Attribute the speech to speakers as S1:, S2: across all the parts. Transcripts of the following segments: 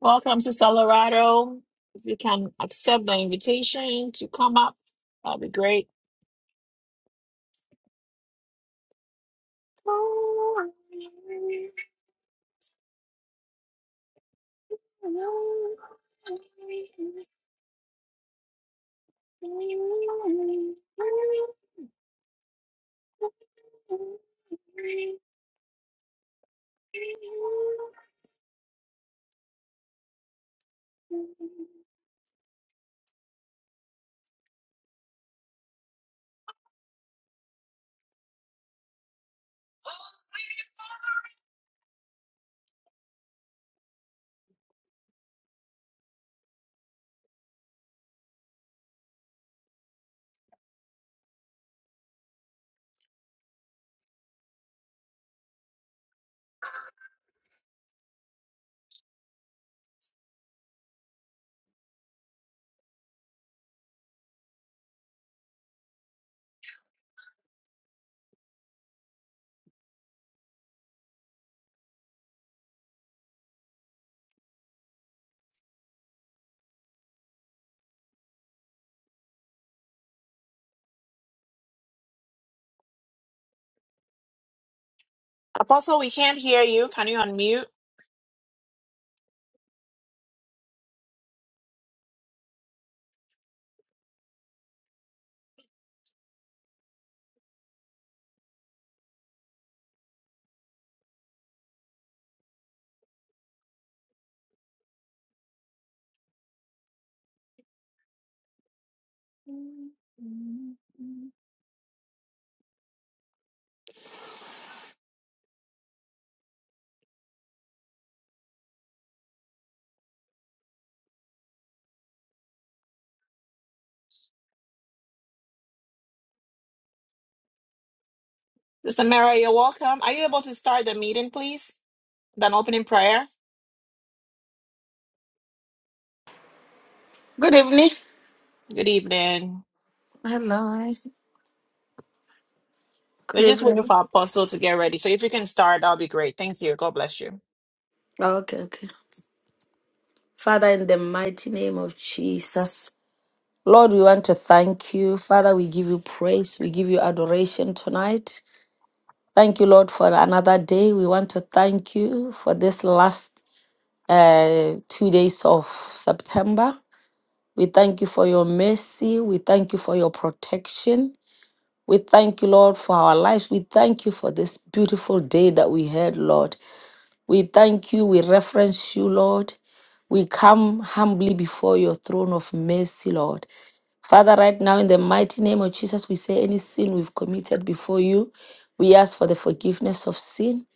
S1: Welcome, Sister Lorado. If you can accept the invitation to come up, that'd be great. Apostle, we can't hear you. Can you unmute? Sister Mary, you're welcome. Are you able to start the meeting, please? With an opening prayer?
S2: Good evening.
S1: Good evening.
S2: Hello.
S1: We're
S2: Good
S1: just
S2: evening.
S1: waiting for Apostle to get ready. So if you can start, that'll be great. Thank you. God bless you.
S2: Oh, Okay, okay. Father, in the mighty name of Jesus, Lord, we want to thank you. Father, we give you praise. We give you adoration tonight. Thank you, Lord, for another day. We want to thank you for this last uh, two days of September. We thank you for your mercy. We thank you for your protection. We thank you, Lord, for our lives. We thank you for this beautiful day that we had, Lord. We thank you. We reference you, Lord. We come humbly before your throne of mercy, Lord. Father, right now, in the mighty name of Jesus, we say any sin we've committed before you, we ask for the forgiveness of sin.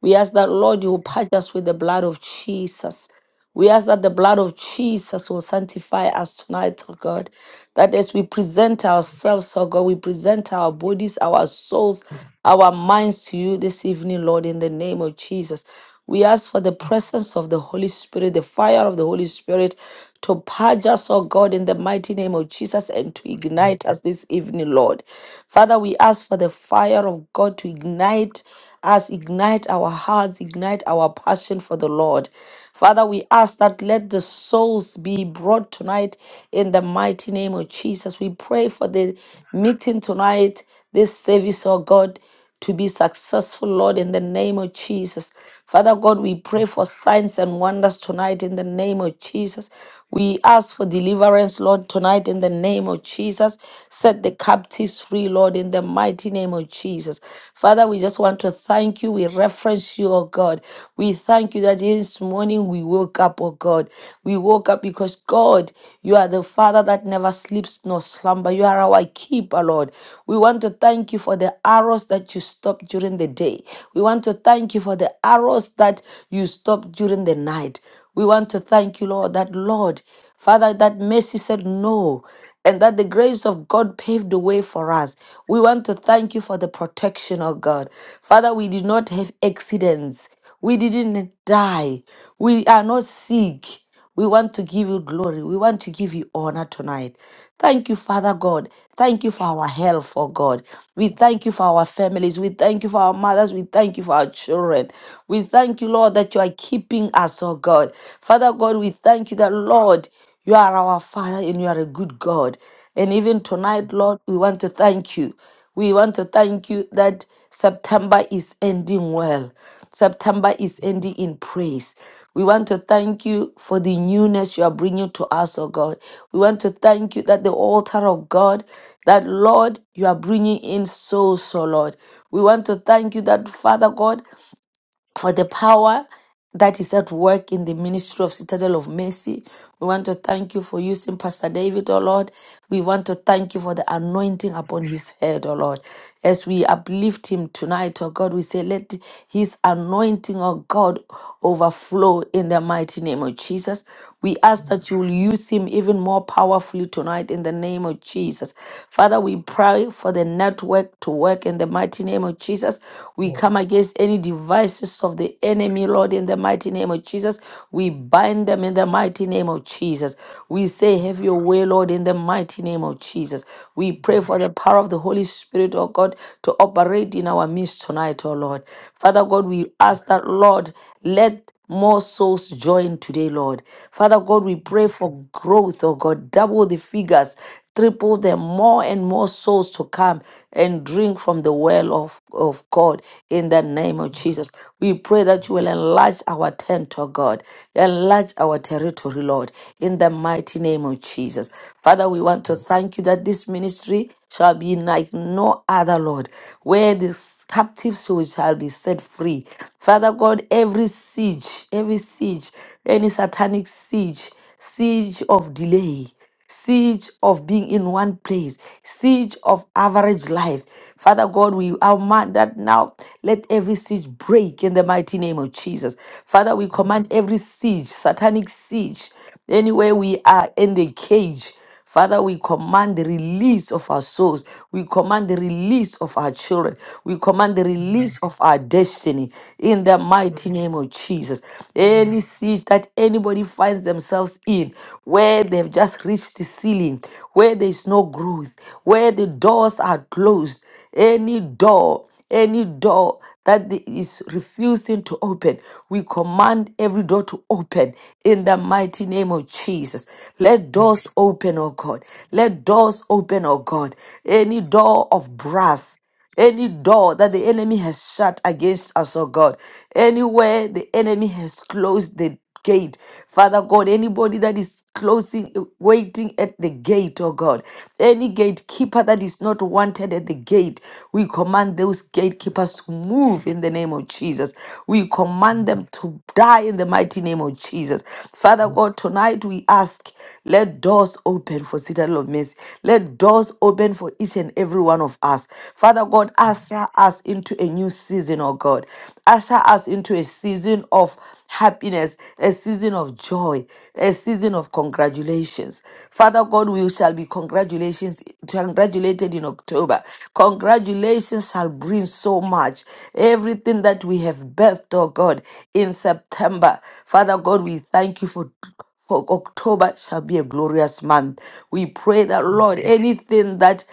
S2: We ask that, Lord, you will purge us with the blood of Jesus. We ask that the blood of Jesus will sanctify us tonight, oh God. That as we present ourselves, oh God, we present our bodies, our souls, our minds to you this evening, Lord, in the name of Jesus. We ask for the presence of the Holy Spirit, the fire of the Holy Spirit to purge us, oh God, in the mighty name of Jesus and to
S3: Hallelujah.
S2: ignite us this evening, Lord. Father, we ask for the fire of God to ignite us, ignite our hearts, ignite our passion for the Lord. Father, we ask that let the souls be brought tonight in the mighty name of Jesus. We pray for the meeting tonight this service, oh God, to be successful, Lord, in the name of Jesus. Father God, we pray for signs and wonders tonight in the name of Jesus. We ask for deliverance, Lord, tonight in the name of Jesus. Set the captives free, Lord, in the mighty name of Jesus. Father, we just want to thank you. We reference you, oh God. We thank you that this morning we woke up, oh God. We woke up because God, you are the Father that never sleeps nor slumber. You are our keeper, Lord. We want to thank you for the arrows that you stopped during the day. We want to thank you for the arrows that you stopped during the night. We want to thank you, Lord, that Lord, Father, that mercy said no, and that the grace of God paved the way for us. We want to thank you for the protection, of God. Father, we did not have accidents. We didn't die. We are not sick. We want to give you glory. We want to give you honor tonight. Thank you, Father God. Thank you for our health, oh God. We thank you for our families. We thank you for our mothers. We thank you for our children. We thank you, Lord, that you are keeping us, oh God. Father God, we thank you that, Lord, you are our Father and you are a good God. And even tonight, Lord, we want to thank you. We want to thank you that September is ending well. September is ending in praise. We want to thank you for the newness you are bringing to us, oh God. We want to thank you that the altar of God, that Lord, you are bringing in souls, oh Lord. We want to thank you that, Father God, for the power that is at work in the ministry of Citadel of Mercy. We want to thank you for using Pastor David, oh Lord. We want to thank you for the anointing upon his head, oh Lord. As we uplift him tonight, oh God, we say, let his anointing, oh God, overflow in the mighty name of Jesus. We ask that you will use him even more powerfully tonight in the name of Jesus. Father, we pray for the network to work in the mighty name name of Jesus. We come against any devices of the enemy, Lord, in the mighty name of Jesus. We bind them in the mighty name of Jesus. We say, Have your way, Lord, in the mighty name of Jesus. We pray for the power of the Holy Spirit, oh God, to operate in our midst tonight, oh Lord. Father God, we ask that, Lord, let more souls join today, Lord. Father God, we pray for growth, oh God. Double the figures triple them, more and more souls to come and drink from the well of, of God in the name of Jesus. We pray that you will enlarge our tent, O God, enlarge our territory, Lord, in the mighty name of Jesus. Father, we want to thank you that this ministry shall be like no other, Lord, where this captive soul shall be set free. Father God, every siege, every siege, any satanic siege, siege of delay siege of being in one place, siege of average life. Father God, we command that now let every siege break in the mighty name of Jesus. Father, we command every siege, satanic siege, anywhere we are in the cage. Father, we command the release of our souls. We command the release of our children. We command the release of our destiny in the mighty name of Jesus. Any siege that anybody finds themselves in, where they've just reached the ceiling, where there's no growth, where the doors are closed, any door any door that the- is refusing to open, we command every door to open in the mighty name of Jesus. Let doors open, oh God. Let doors open, oh God. Any door of brass any door that the enemy has shut against us, oh God, anywhere the enemy has closed the gate. Father God, anybody that is closing, waiting at the gate, oh God, any gatekeeper that is not wanted at the gate, we command those gatekeepers to move in the name of Jesus. We command them to die in the mighty name of Jesus. Father God, tonight we ask, let doors open for Citadel of Mercy. Let doors open for each and every one of us. Father God, usher us into a new season season, oh God. Usher us into a season of happiness, a season of joy, a season of congratulations. Father God, we shall be congratulations congratulated in October. Congratulations shall bring so much. Everything that we have birthed, oh God, in September. Father God, we thank you for for October shall be a glorious month. We pray that, Lord, anything that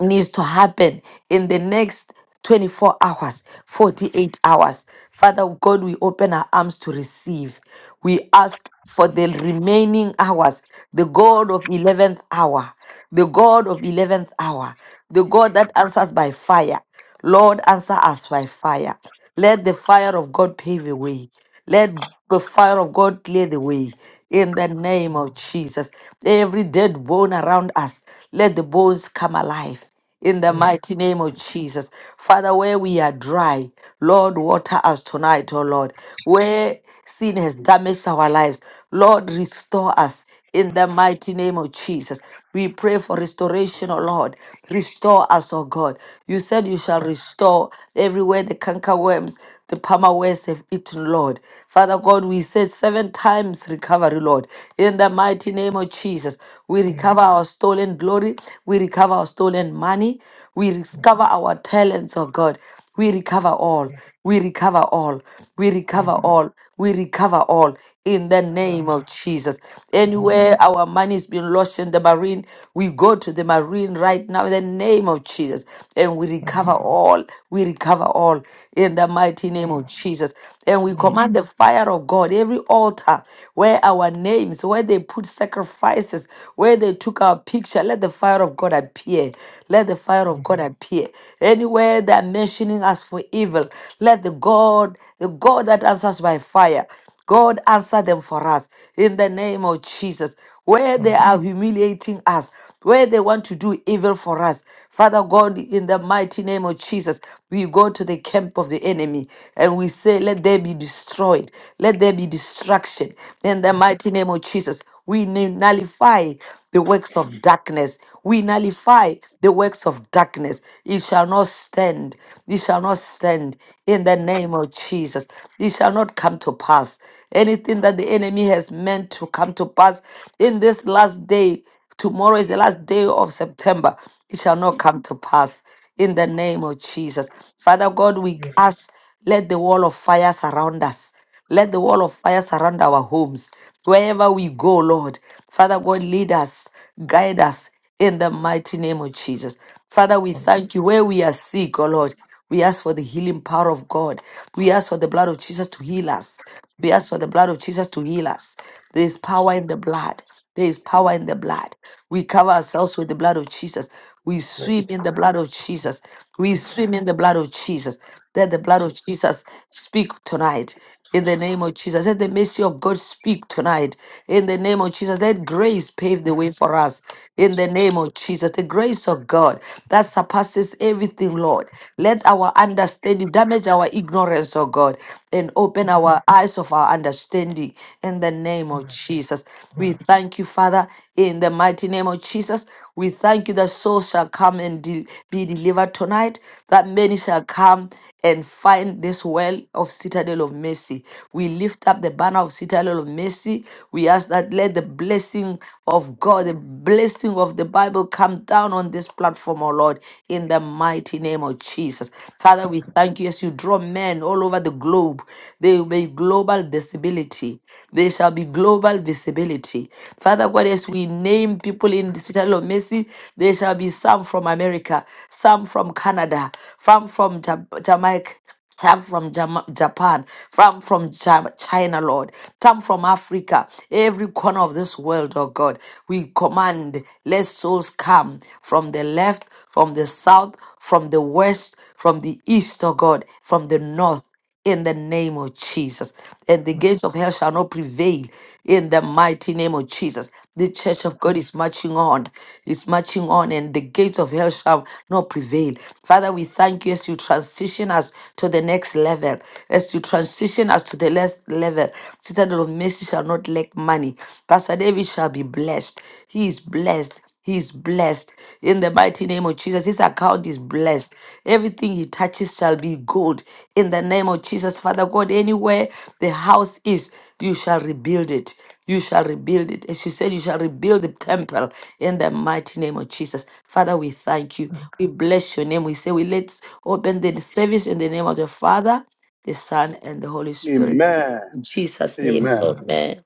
S2: needs to happen in the next 24 hours, 48 hours. Father God, we open our arms to receive. We ask for the remaining hours, the God of 11th hour, the God of 11th hour, the God that answers by fire. Lord, answer us by fire. Let the fire of God pave the way. Let the fire of God clear the way in the name of Jesus. Every dead bone around us, let the bones come alive in the mighty name of Jesus. Father, where we are dry, Lord, water us tonight, oh Lord. Where sin has damaged our lives, Lord, restore us in the mighty name of Jesus. We pray for restoration, oh Lord. Restore us, oh God. God. You said you shall restore everywhere the canker worms, the palmer worms have eaten, Lord. Father God, we said seven times recovery, Lord. In the mighty name of Jesus, we recover our stolen glory, we recover our stolen money, we recover our talents, oh God. We recover all. We recover all. We recover all. We recover all in the name of Jesus. Anywhere our money's been lost in the marine, we go to the marine right now in the name of Jesus and we recover all. We recover all in the mighty name of Jesus. And we command the fire of God, every altar where our names, where they put sacrifices, where they took our picture, let the fire of God appear let the fire of God appear. Anywhere they're mentioning us for evil, let the God, the God that answers by fire, God answer them for us in the name of Jesus. Where they are humiliating us, where they want to do evil for us, Father God, in the mighty name of Jesus, we go to the camp of the enemy and we say, Let there be destroyed, let there be destruction in the mighty name of Jesus. We nu- nullify the works of darkness. We nullify the works of darkness. It shall not stand. It shall not stand in the name of Jesus. It shall not come to pass. Anything that the enemy has meant to come to pass in this last day, tomorrow is the last day of September. It shall not come to pass in the name of Jesus. Father God, we ask, let the wall of fire surround us. Let the wall of fire surround our homes. Wherever we go, Lord, Father God, lead us, guide us in the mighty name of Jesus. Father, we thank you where we are sick, oh Lord. We ask for the healing power of God. We ask for the blood of Jesus to heal us. We ask for the blood of Jesus to heal us. There is power in the blood. There is power in the blood. We cover ourselves with the blood of Jesus. We swim in the blood of Jesus. We swim in the blood of Jesus. Let the blood of Jesus speak tonight. In the name of Jesus, let the mercy of God speak tonight. In the name of Jesus, let grace pave the way for us. In the name of Jesus, the grace of God that surpasses everything, Lord. Let our understanding damage our ignorance, oh God, and open our eyes of our understanding. In the name of Jesus, we thank you, Father, in the mighty name of Jesus. We thank you that souls shall come and de- be delivered tonight, that many shall come and find this well of citadel of mercy. We lift up the banner of citadel of mercy. We ask that let the blessing of God, the blessing of the Bible come down on this platform, O Lord, in the mighty name of Jesus. Father, we thank you as you draw men all over the globe. There will be global visibility. There shall be global visibility. Father God, as we this we name people in the Citadel of Mercy, there shall be some from America, some from Canada, some from Ja- Jamaica. Some from Jama- Japan, from from Ja- China, Lord, some from Africa, every corner of this world, oh God. We command, let souls come from the left, from the south, from the west, from the east, oh God, from the north in the name of Jesus. And the gates of hell shall not prevail in the mighty name of Jesus. The church of God is marching on, is marching on, and the gates of hell shall not prevail. Father, we thank you as you transition us to the next level, as you transition us to the next level. Citadel of mercy shall not lack money. Pastor David shall be blessed. He is blessed. He's blessed in the mighty name of Jesus. His account is blessed. Everything he touches shall be gold in the name of Jesus. Father God, anywhere the house is, you shall rebuild it. You shall rebuild it. As you said, you shall rebuild the temple in the mighty name of Jesus. Father, we thank you. We bless your name. We say, we let's open the service in the name of the Father, the Son, and the Holy Spirit.
S4: Amen.
S2: In Jesus' name,
S4: Amen.
S2: amen.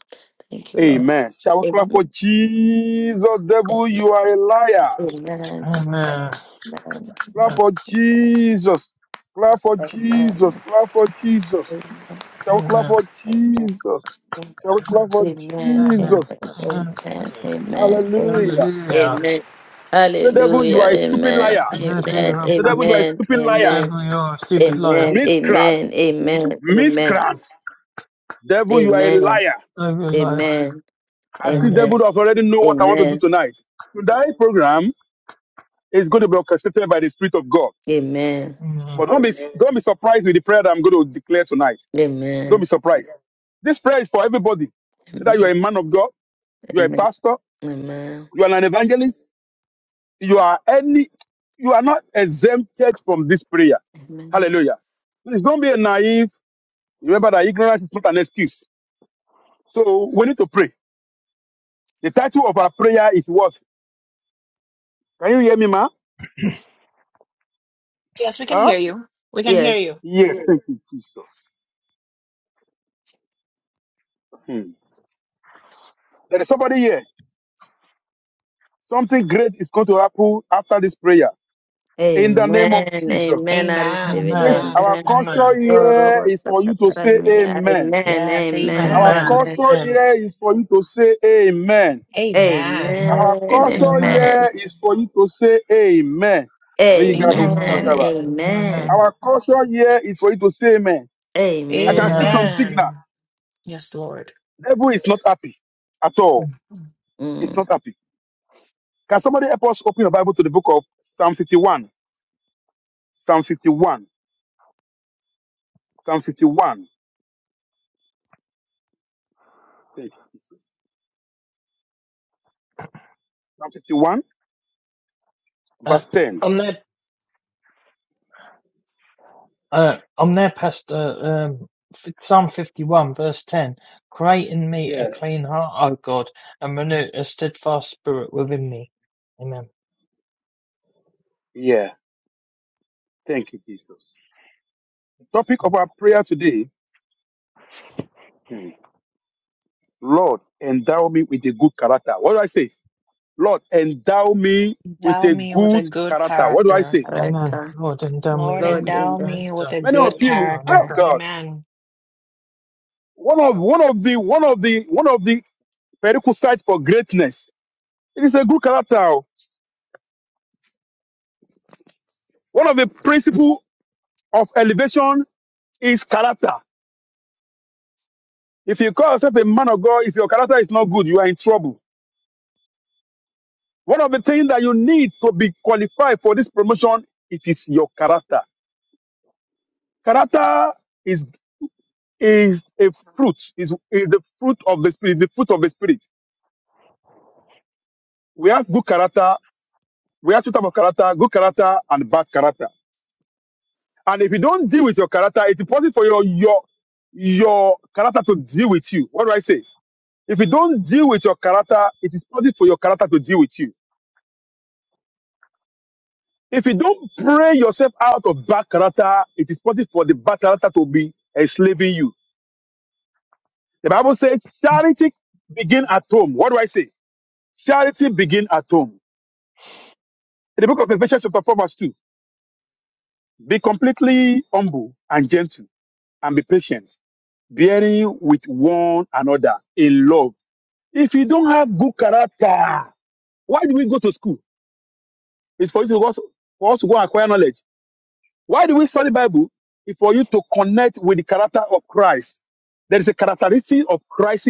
S2: Thank you, Lord.
S4: Amen. Shall we clap for
S2: Amen.
S4: Jesus, devil? You are a liar.
S2: Amen. Amen. Amen.
S4: Clap for Jesus. Clap for
S2: Amen. Amen.
S4: Jesus.
S2: Amen.
S4: Clap for Jesus.
S2: Amen.
S4: Shall we clap for Jesus? Shall we clap for Jesus?
S2: Amen. Amen. Amen.
S4: Hallelujah.
S2: Amen.
S4: The devil, you
S2: Hallelujah.
S4: are a stupid
S2: Amen.
S4: liar.
S3: That you
S2: Amen.
S3: are
S4: The devil, you
S3: perfect.
S4: are a
S2: Amen.
S4: stupid liar.
S2: Amen.
S3: Devil, you're a stupid liar.
S2: Amen. Amen.
S4: Miscreant.
S2: Amen. Amen.
S4: Miscreant. Devil, you are a
S2: Amen.
S4: liar.
S3: Devil, liar.
S2: Amen. Amen. Amen. Amen. Amen.
S4: I see
S3: Amen.
S4: devil
S2: Amen.
S4: does already know what I want to do tonight. Today's program is going to be orchestrated by the Spirit of God. But don't be don't be surprised with the prayer that I'm going to declare tonight. Don't be surprised. This prayer is for everybody. Whether you are a man of God, you are a pastor,
S2: Amen. Amen.
S4: you are an evangelist, you are any, you are not exempted from this prayer.
S2: Amen.
S4: Hallelujah. Please don't be naive. Remember that ignorance is not an excuse. So we need to pray. The title of our prayer is what? Can you hear me, ma?
S1: Yes, we can
S4: Huh?
S1: hear you. We can hear
S2: Yes.
S1: you.
S4: Yes. Thank you, Jesus. Hmm. There is somebody here. Something great is going to happen after this prayer. In the name of
S2: Amen.
S4: Jesus.
S2: Amen. I receive
S1: Amen.
S2: it.
S4: This
S3: Amen.
S1: Amen.
S4: our
S2: Amen.
S3: Amen.
S4: culture here is for you to say
S2: Yorobosakatarani.
S4: amen.
S2: Amen.
S1: Yes,
S2: Amen.
S4: Our
S3: Amen.
S2: Amen.
S1: amen.
S4: culture
S3: Amen.
S4: here is for you to say amen.
S1: Amen.
S3: Amen.
S4: Our
S2: Amen.
S4: culture
S3: Amen.
S2: Amen.
S4: here is for you to say amen. Rigado
S3: Amen.
S2: Amen.
S4: shakaba.
S1: Amen.
S2: Amen.
S3: Amen.
S4: Our culture here is for you to say amen. I can see
S2: Amen.
S4: from
S3: Amen.
S4: signal.
S1: Amen. Yes, Lord.
S4: Devil is not happy at all. It's
S2: Mm.
S4: not happy. Can somebody help us open the Bible to the book of Psalm 51? Psalm 51. Psalm 51. Thank you, Jesus. Psalm 51,
S3: Uh,
S4: verse 10.
S3: on that, uh, on there, Pastor, um, f- Psalm 51, verse 10, create in me a
S4: Yeah.
S3: clean heart, O God, and renew a steadfast spirit within me. Amen.
S4: Yeah. Thank you, Jesus. Topic of our prayer today hmm, Lord, endow me with a good character. What do I say? Lord, endow me with
S1: Endow
S4: a
S1: me with a
S4: good
S1: good
S4: character. What do I
S1: character.
S4: say?
S2: Right.
S3: Amen.
S2: uh,
S3: Lord, endow me
S1: Lord,
S3: with a
S2: Lord,
S3: good
S1: endow
S2: and the
S1: me with
S3: character.
S1: a
S4: Many
S1: good
S4: of you,
S3: Lord,
S4: oh
S1: character.
S4: God,
S1: Amen.
S4: one of one of the one of the one of the prerequisites for greatness. It is a good character. oh. One of the principle of elevation is character. If you call yourself a man of God, if your character is not good, you are in trouble. One of the things that you need to be qualified for this promotion, it is your character. Character is. is a fruit, is, is the fruit of the spirit, the fruit of the spirit. We have good character, we have two types of character, good character and bad character. And if you don't deal with your character, it's important for your your your character to deal with you. What do I say? If you don't deal with your character, it is important for your character to deal with you. If you don't pray yourself out of bad character, it is important for the bad character to be enslaving you. The Bible says charity begin at home. What do I say? Charity begin at home. In the book of Ephesians chapter 4 verse 2, be completely humble and gentle and be patient, bearing with one another in love. If you don't have good character, why do we go to school? It's for you to go, for us to go and acquire knowledge. Why do we study Bible? It's for you to connect with the character of Christ. There is a characteristic of Christ.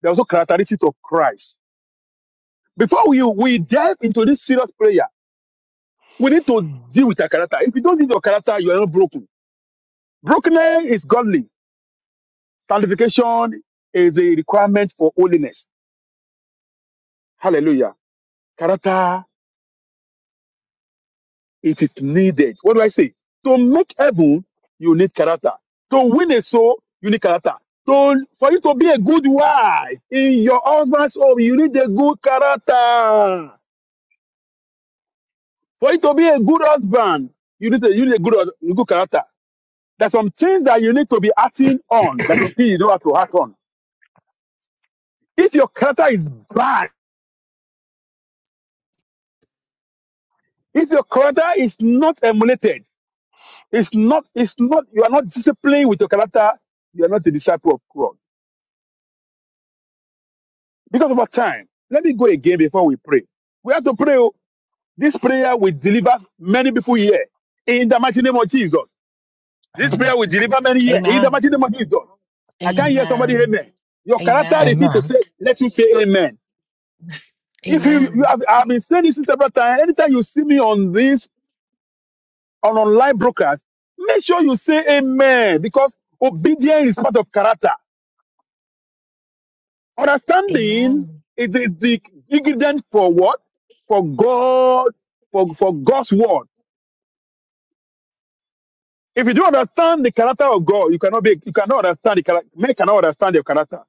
S4: There are also characteristics of Christ. Before we, we dive into this serious prayer, we need to deal with our character. If you don't deal with your character, you are not broken. Brokenness is godly. Sanctification is a requirement for holiness. Hallelujah. Character, it is needed. What do I say? To make heaven, you need character. To win a soul, you need character. To, for you to be a good wife in your husband's home, you need a good character. For you to be a good husband, you need a, you need a good, good character. There's some things that you need to be acting on. There's some things you don't have to act on. If your character is bad, if your character is not emulated, It's not, it's not, you are not disciplined with your character. You are not a disciple of God. Because of our time, let me go again before we pray. We have to pray. oh. This prayer will deliver many people here in the mighty name of Jesus. This
S3: Amen.
S4: prayer will deliver many here in the
S1: Amen.
S4: mighty name of Jesus. I can't
S3: Amen.
S4: hear somebody,
S1: Amen.
S4: amen. Your character
S1: Amen.
S4: refuse to say,
S3: Amen.
S4: let you say amen. If you, you
S1: Amen.
S4: have, I've been saying this several times, anytime you see me on this, on online broadcast, make sure you say amen because obedience is part of character. Understanding
S1: Amen.
S4: it is the ingredient for what? For God, for, for God's word. If you don't understand the character of God, you cannot be, you cannot understand the character. Men cannot understand your character.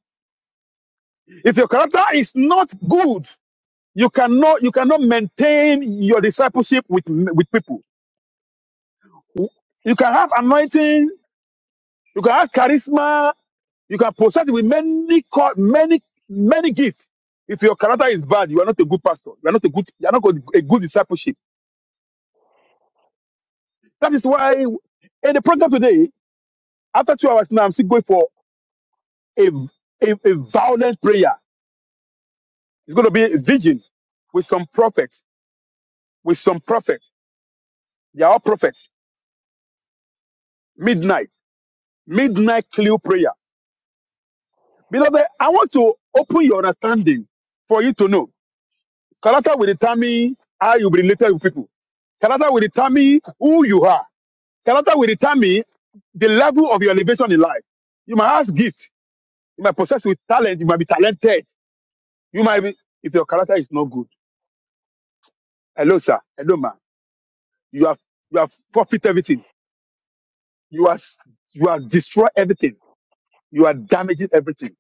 S4: If your character is not good, you cannot, you cannot maintain your discipleship with with people. You can have anointing, you can have charisma, you can possess with many call- many many gifts. If your character is bad, you are not a good pastor. You are not a good, you are not a good discipleship. That is why in the program today, after two hours now, I'm still going for a, a, a violent prayer. It's going to be a vision with some prophets, with some prophets. They are all prophets. Midnight, midnight clear prayer. Beloved, I want to open your understanding for you to know. Character will determine how you be related with people. Character will determine who you are. Character will determine the level of your elevation in life. You might have gifts. You might possess with talent. You might be talented You might be if your character is not good. Hello, sir. Hello, ma'am. You have you have forfeit everything. You are s- you are destroy everything. You are damaging everything.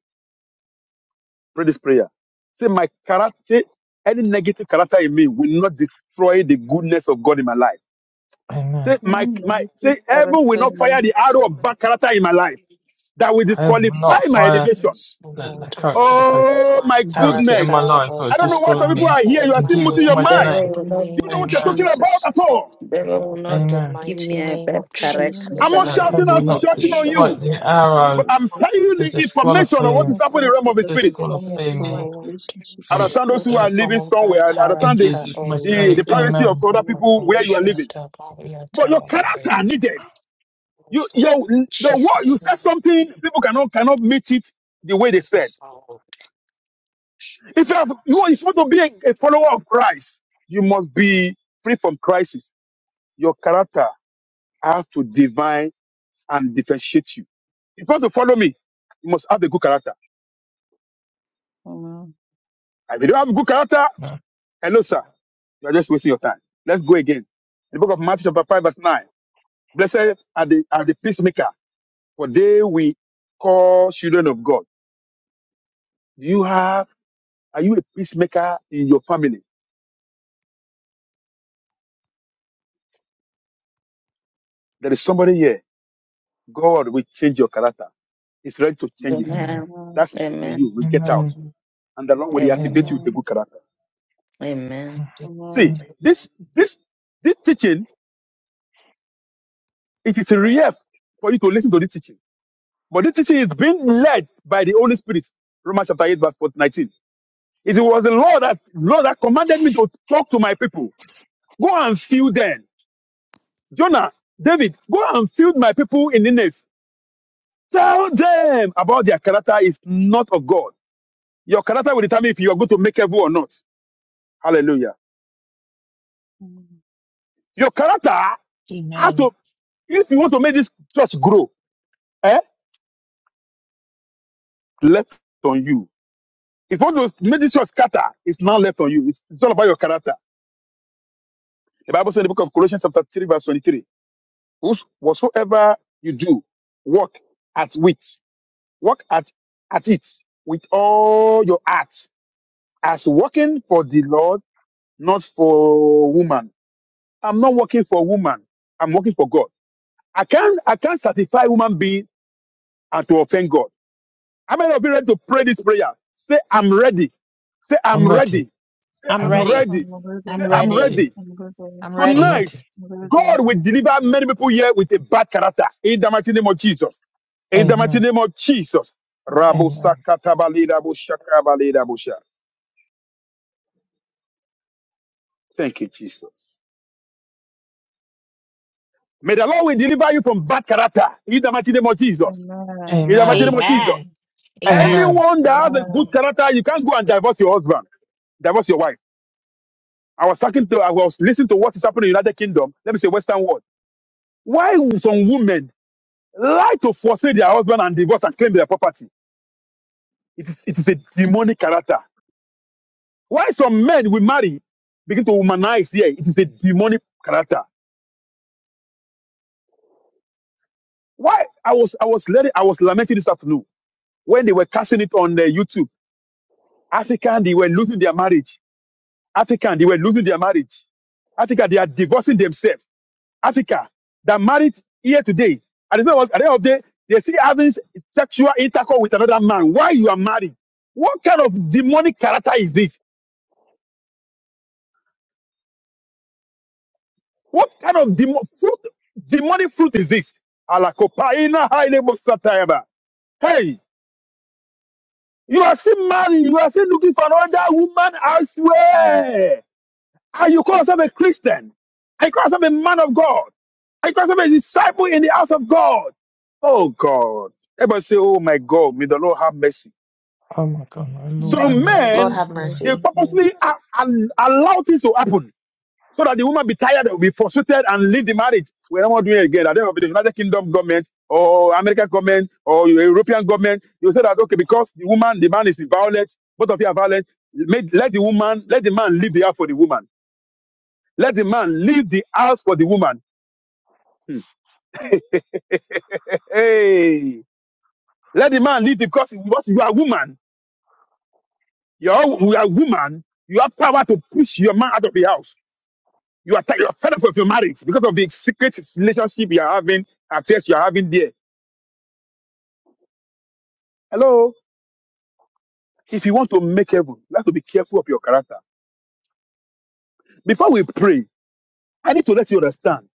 S4: Pray this prayer. Say my character. Say any negative character in me will not destroy the goodness of God in my life.
S3: Amen.
S4: Say my
S5: Amen. Let
S4: my
S5: us seek
S4: say heaven will
S5: character
S4: not
S5: in
S4: fire
S5: him,
S4: the arrow of bad character in my life that will
S3: I will
S4: disqualify
S3: not
S4: my
S3: fire
S4: elevation.
S1: Yes,
S3: the, the
S1: Lord,
S3: character by
S4: Oh
S1: find
S4: my
S1: a
S3: character in
S1: character
S4: goodness.
S3: my life who
S1: or
S3: are
S4: I don't know
S1: bad
S3: just
S4: why some
S3: calling
S4: people
S3: me
S4: are
S1: character
S4: here. You
S1: in
S4: are
S3: in
S4: still
S1: my
S4: moving
S3: Jesus'
S4: your
S3: mighty
S4: mind.
S1: life
S2: devil
S3: name.
S1: in
S2: will
S1: the
S2: not
S4: You
S1: name
S4: don't know
S1: of
S4: what you're
S3: Amen.
S4: talking about
S1: Jesus.
S4: at all.
S2: devil will
S1: In
S2: not
S1: the
S3: Amen.
S2: give
S1: mighty
S2: me a
S1: name
S2: bad
S1: of
S5: so that in the
S2: character in
S5: name
S4: I'm
S2: the
S5: of
S4: not
S1: Jesus.
S3: Uh,
S2: mighty
S4: shouting
S3: whom
S5: Jesus,
S4: out,
S2: name of
S3: not
S4: shouting
S3: d-
S5: when
S4: on
S5: I
S2: Jesus.
S5: was
S3: fight
S4: you,
S3: the arrow
S4: but
S5: reproached,
S4: I'm telling you
S3: to
S4: the information of
S3: disqualify
S4: what is
S5: any
S4: happening in the realm
S5: character
S4: of the
S5: that
S4: spirit.
S5: is
S3: disqualify
S1: Yes,
S5: damaging my
S3: me
S1: Lord.
S5: relationship
S4: I
S5: with
S3: from
S4: understand those
S5: God,
S4: who
S1: any
S3: uh,
S4: are
S1: form
S4: living
S1: of bad
S4: somewhere. I
S3: in
S4: understand the,
S1: character
S3: Jesus'
S5: and
S1: oh
S3: mighty
S4: the,
S5: destroyed
S3: name.
S1: Lord,
S4: the
S5: in
S1: or
S5: the
S4: privacy
S5: mighty
S3: Amen.
S4: of other
S1: whatever
S5: name of
S4: people where you are
S1: abortion,
S5: Jesus.
S4: living.
S1: tabaya,
S4: But your character
S1: tabaya.
S4: needed. You
S1: So,
S4: your your word. You
S1: Jesus,
S4: said
S1: name,
S4: something people cannot cannot meet it the way they said.
S1: yes, Lord.
S4: If you have you want- if you want to be a, a follower of Christ, you must be free from crisis. Your character has to divine and differentiate you. If you want to follow me, you must have a good character.
S5: Amen.
S4: And if you don't have good character, hello, sir. You are just wasting your time. Let's go again. The book of Matthew, chapter 5, verse 9. Blessed are the, are the peacemaker, for they we call children of God. Do you have, are you a peacemaker in your family? There is somebody here. God will change your character. He's ready to change it.
S3: Amen.
S2: Amen.
S5: Amen.
S4: That spirit in you
S2: Amen.
S4: will get out.
S3: Amen.
S4: And the Lord will activate
S2: Amen.
S4: you
S3: Amen.
S4: with a
S5: Amen.
S4: good character.
S2: Amen.
S3: Amen.
S4: See,
S5: Amen.
S3: Amen.
S4: this, this, this teaching, it is a relief for you to listen to this teaching. But this teaching is being led by the Holy Spirit. Romans chapter 8, verse 19. It was the Lord that Lord that commanded me to talk to my people. Go and fill them. Jonah, David, go and fill my people in Nineveh. Tell them about their character is not of God. Your character will determine if you are going to make heaven or not. Hallelujah.
S5: Amen.
S4: Your character has
S1: Amen.
S4: to, if you want to make this church grow, eh, left on you. If you want to make this church scatter, it's not left on you. It's, it's all about your character. The Bible says in the book of Colossians chapter 3 verse 23, "Whos- whatsoever you do, work at wit, work at, at it with all your heart, as working for the Lord, not for woman. I'm not working for woman. I'm working for God. I can't, I can't satisfy human being and to offend God. How many of you ready to pray this prayer? Say, I'm ready. Say, I'm
S3: I'm ready.
S4: ready. Say,
S1: I'm
S3: I'm
S4: I'm
S3: ready.
S1: ready.
S4: ready. Say,
S1: I'm
S5: Hallelujah.
S3: I'm
S4: I'm
S1: ready.
S3: ready.
S4: ready.
S5: Hallelujah.
S1: I'm
S3: I'm
S1: ready.
S4: Tonight,
S3: ready.
S5: Hallelujah.
S4: God will deliver many people here with a bad character. In the mighty name of Jesus. In the mighty
S3: Amen.
S4: name of Jesus. Rabo
S5: Amen.
S3: Amen.
S4: Thank you, Jesus. May the Lord will deliver you from bad character. In the mighty name of Jesus.
S5: Amen.
S4: In the mighty
S3: Amen.
S4: name of
S5: Amen.
S4: Jesus.
S1: Amen. Amen.
S3: Amen.
S4: Anyone that has a
S5: Amen.
S4: good character, you can't go and divorce your husband, divorce your wife. I was talking to, I was listening to what is happening in the United Kingdom. Let me say Western world. Why would some women lie to forsake their husband and divorce and claim their property? It is, it is a demonic character. Why some men we marry begin to womanize here? It is a demonic character. Why I was I was letting, I was lamenting this afternoon when they were casting it on uh, YouTube. African they were losing their marriage. African they were losing their marriage. Africa they are divorcing themselves. Africa that married here today. At the end of at the end of the day, they still having sexual intercourse with another man. Why you are married? What kind of demonic character is this? What kind of demo- fruit, demonic fruit is this? Alakopaina haile mosatayaba. Hey, you are still married. You are still looking for another woman elsewhere. And you call yourself a Christian. And you call yourself a man of God. And you call yourself a disciple in the house of God. Oh, God. Everybody say, oh, my God, may the Lord have mercy.
S3: Oh my God, my
S5: In
S3: Lord,
S4: So
S3: have
S5: my God,
S3: mercy.
S1: Lord,
S5: my
S4: men,
S1: have
S3: Amen.
S4: they
S5: beloved,
S1: mercy.
S5: my
S4: purposely a- al- allow things to happen so that the woman be tired, will be frustrated, and leave the marriage. We are not doing it again. At the end of the day, United Kingdom government or American government or European government, you say that okay, because the woman, the man is violent, both of you are violent. Make, let the woman, let the man leave the house for the woman. Let the man leave the house for the woman. Hmm. Hey, let the man leave because, because you are a woman. You are, you are a woman. You have power to push your man out of the house. You are, ti- you are fed up with your marriage because of the secret relationship you are having, affairs you are having there Hello. If you want to make heaven, you have to be careful of your character. Before we pray, I need to let you understand.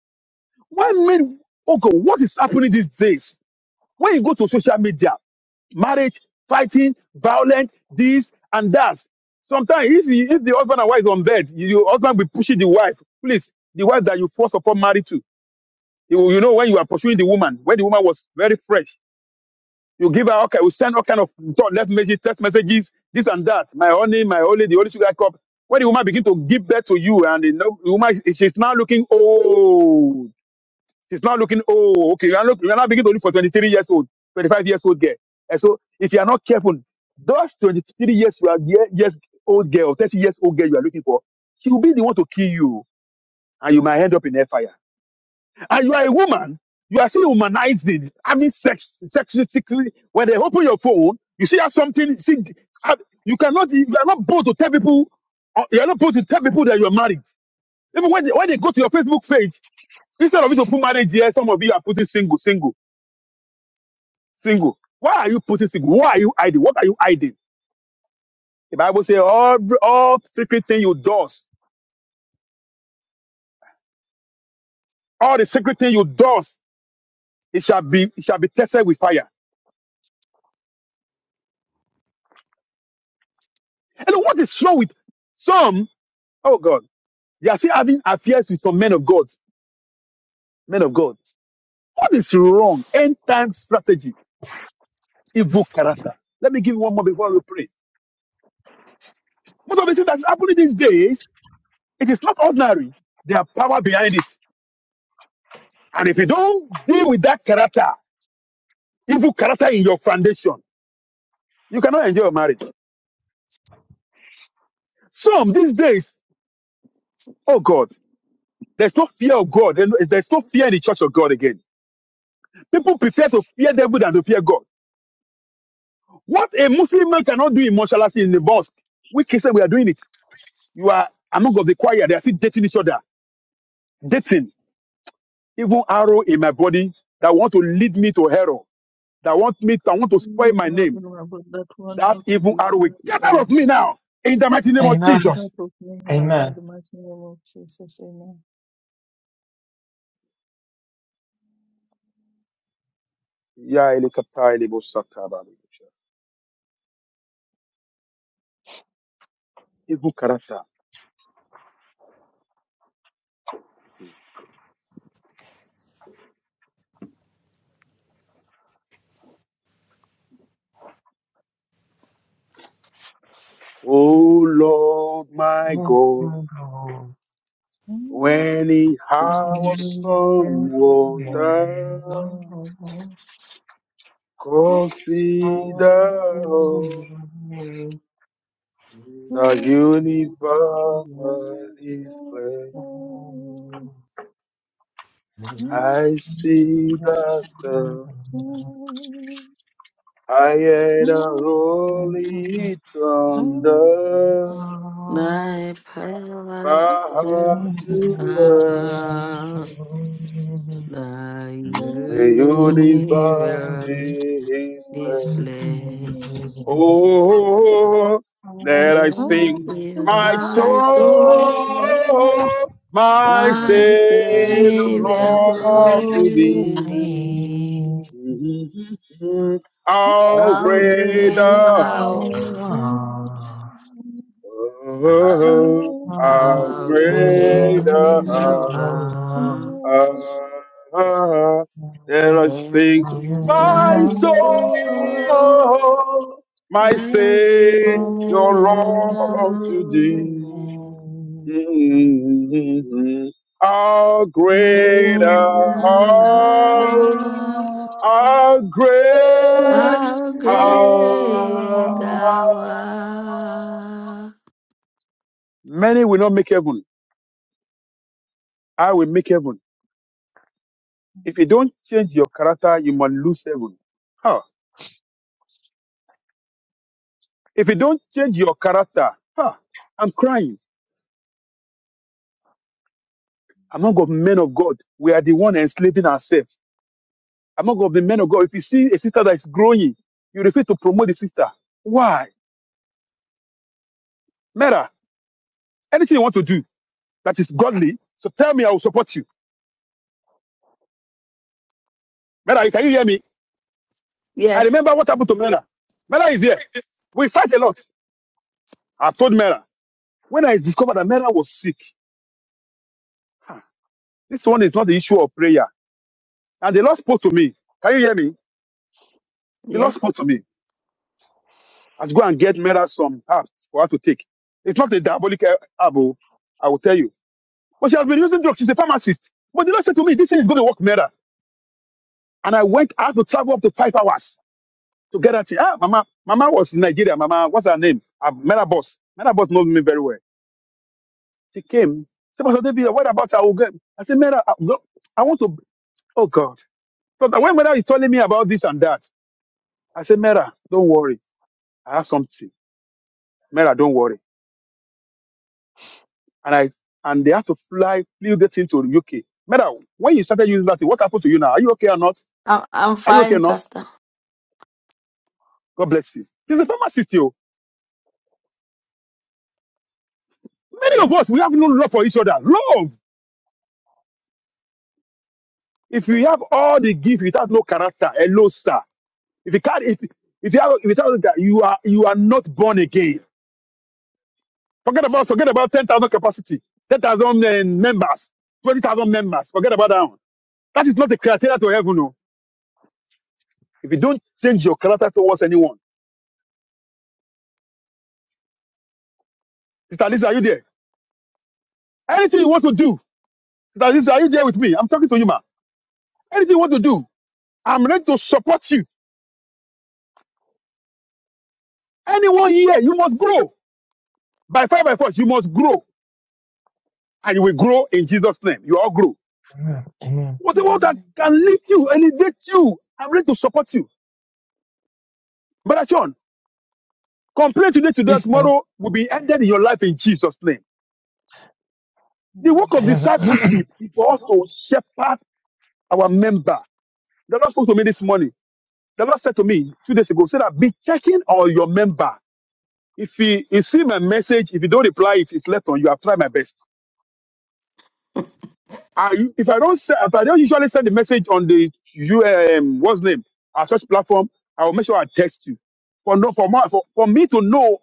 S4: Why men, oh God, what is happening these days? When you go to social media, marriage, fighting, violence, this and that. Sometimes if, you, if the husband and wife is on bed, you- your husband will pushing the wife. Please, the wife that you first of all married to. You, you know when you are pursuing the woman, when the woman was very fresh, You give her, okay, we send all kind of thought, left messages, text messages, this and that. My honey, my holy, the holy sugar cup. When the woman begin to give birth to you, and the, no- the woman, she's now looking old. She's now looking old. Okay, you are, look, you are now beginning to look for 23 years old, 25 years old girl. And so, if you are not careful, those 23 years you are ye- years old girl, 30 years old girl you are looking for, she will be the one to kill you, and you might end up in hellfire and you are a woman, you are still humanizing, having sex sexually. When they open your phone, you see have something. See, have- you cannot. You are not supposed to tell people. or You are not supposed to tell people that you are married. Even when they, when they go to your Facebook page, instead of you to put marriage here, some of you are putting single, single, single. Why are you putting single? Why are you hiding? What are you hiding? The Bible says all all secret thing you does, all the secret thing you does, it shall be it shall be tested with fire. And what is wrong with some? Oh God. They are still having affairs with some men of God. Men of God. What is wrong? End time strategy, evil character. Let me give you one more before we pray. Most of the things that's happening these days, it is not ordinary. There are power behind it. And if you don't deal with that character, evil character in your foundation, you cannot enjoy your marriage. Some these days, oh God, there's no fear of God. and There's no fear in the church of God again. People prefer to fear devil than to fear God. What a Muslim man cannot do in Moshalasi in the mosque, we Christians, we are doing it. You are among of the choir. They are still dating each other. Dating. Even arrow in my body that want to lead me to hell. That want me to want to spoil
S5: you
S4: my
S5: are
S4: name.
S5: in my God that want
S4: That
S5: me to
S4: even
S5: leave
S4: arrow
S5: me
S4: will
S5: to
S4: get
S5: error.
S4: out of me now. In the mighty name of
S5: And get
S4: Jesus.
S5: out of me now in
S3: Amen.
S5: the mighty name of Jesus.
S4: Yeah, elikata, elebosaka, balebosha. Evil character. Oh Lord, my God,
S3: Amen.
S5: Amen.
S4: when he has some wonder, consider. The universe is plain.
S6: Amen.
S4: I see the sun. I hear the holy thunder.
S2: Thy
S4: Power
S2: passion
S4: to earth.
S2: of thy
S4: The universe
S2: universe
S4: is plain.
S2: displaced.
S4: Oh, let I
S2: Thus
S4: sing
S2: is
S4: my
S2: my soul,
S4: soul,
S3: Oh,
S4: my
S2: my
S4: Savior,
S3: Amen.
S2: Savior
S4: Lord,
S2: God,
S4: to
S3: Amen.
S2: to
S4: thee.
S2: thee.
S4: Mm-hmm.
S5: Oh,
S4: How
S2: How
S4: great
S2: great
S5: Lord,
S2: thou
S4: thou
S5: who
S2: art,
S6: Amen.
S4: art, how
S2: how
S4: great
S2: great thou
S4: thou
S2: art,
S4: art. Let us
S2: and
S4: sing,
S2: since
S4: my
S2: my soul.
S4: soul, my
S2: I give
S4: Savior, Lord, to
S2: up
S3: Amen.
S4: thee.
S2: to
S4: How great
S2: thee.
S4: thou art, are great.
S2: How great
S4: Ah,
S2: thou art.
S4: Many will not make heaven. I will make heaven. If you don't change your character, you must lose heaven. Huh. If you don't change your character, huh, I'm crying. Among of men of God, we are the one enslaving ourselves. Among of the men of God, if you see a sister that is growing, you refuse to promote the sister. Why? Mera, anything you want to do that is godly, so tell me I will support you. Mera, can you hear me? I
S2: Yes,
S4: remember what happened to Mera. Mera is here. We fight a lot. I told Mera. When I discovered that Mera was sick, "Ah, this one is not the issue of prayer. And the Lord spoke to me. Can you hear me? The Lord
S2: yeah.
S4: spoke to me. I should go and get Mera some herbs for her to take. It's not a diabolic eh, herb, oh, I will tell you. But she has been using drugs. She's a pharmacist. But the Lord said to me, this thing is going to work, Mera. And I went out to travel up to five hours to get her. thing. Ah, Mama, Mama was in Nigeria. Mama, what's her name? Uh, Mera Boss. Mera Boss knows me very well. She came. She said, Pastor David, what about our game? I said, Mera, I go- I want to. Oh God. So that when Mera is telling me about this and that, I said, Mera, don't worry. I have something. Mera, don't worry. And I and they had to fly, flew get into the UK. Mera, when you started using that, thing, what happened to you now? Are you okay or not?
S2: I'm, I'm
S4: Are you okay or
S2: fine,
S4: not?
S2: Pastor.
S4: God bless you. She's a former Oh, Many of us we have no love for each other. Love. If you have all the gift without no character, hello, sir. If you can't, if, if you have, without that, you are you are not born again. Forget about forget about 10,000 capacity, 10,000 uh, members, 20,000 members. Forget about that one. That is not the criteria to heaven. No. If you don't change your character towards anyone, Sister Lisa, are you there? Anything you want to do, Sister Lisa, are you there with me? I'm talking to you, ma. Anything you want to do, I'm ready to support you. Anyone here, you must grow. By fire, by force, you must grow. And you will grow in Jesus' name. You all grow.
S3: Amen.
S4: Whatever that can lift you, elevate you, I'm ready to support you. Brother John, complain today, today, tomorrow will be ended in your life in Jesus' name. The work of discipleship is for us to shepherd our member. The Lord spoke to me this morning. The Lord said to me two days ago, say that be checking on your member. If he, he see my message, if you don't reply, if it's left on you, I try my best. I, if I don't se- if I don't usually send the message on the you um, what's name our church platform, I will make sure I text you. For no for, more, for for me to know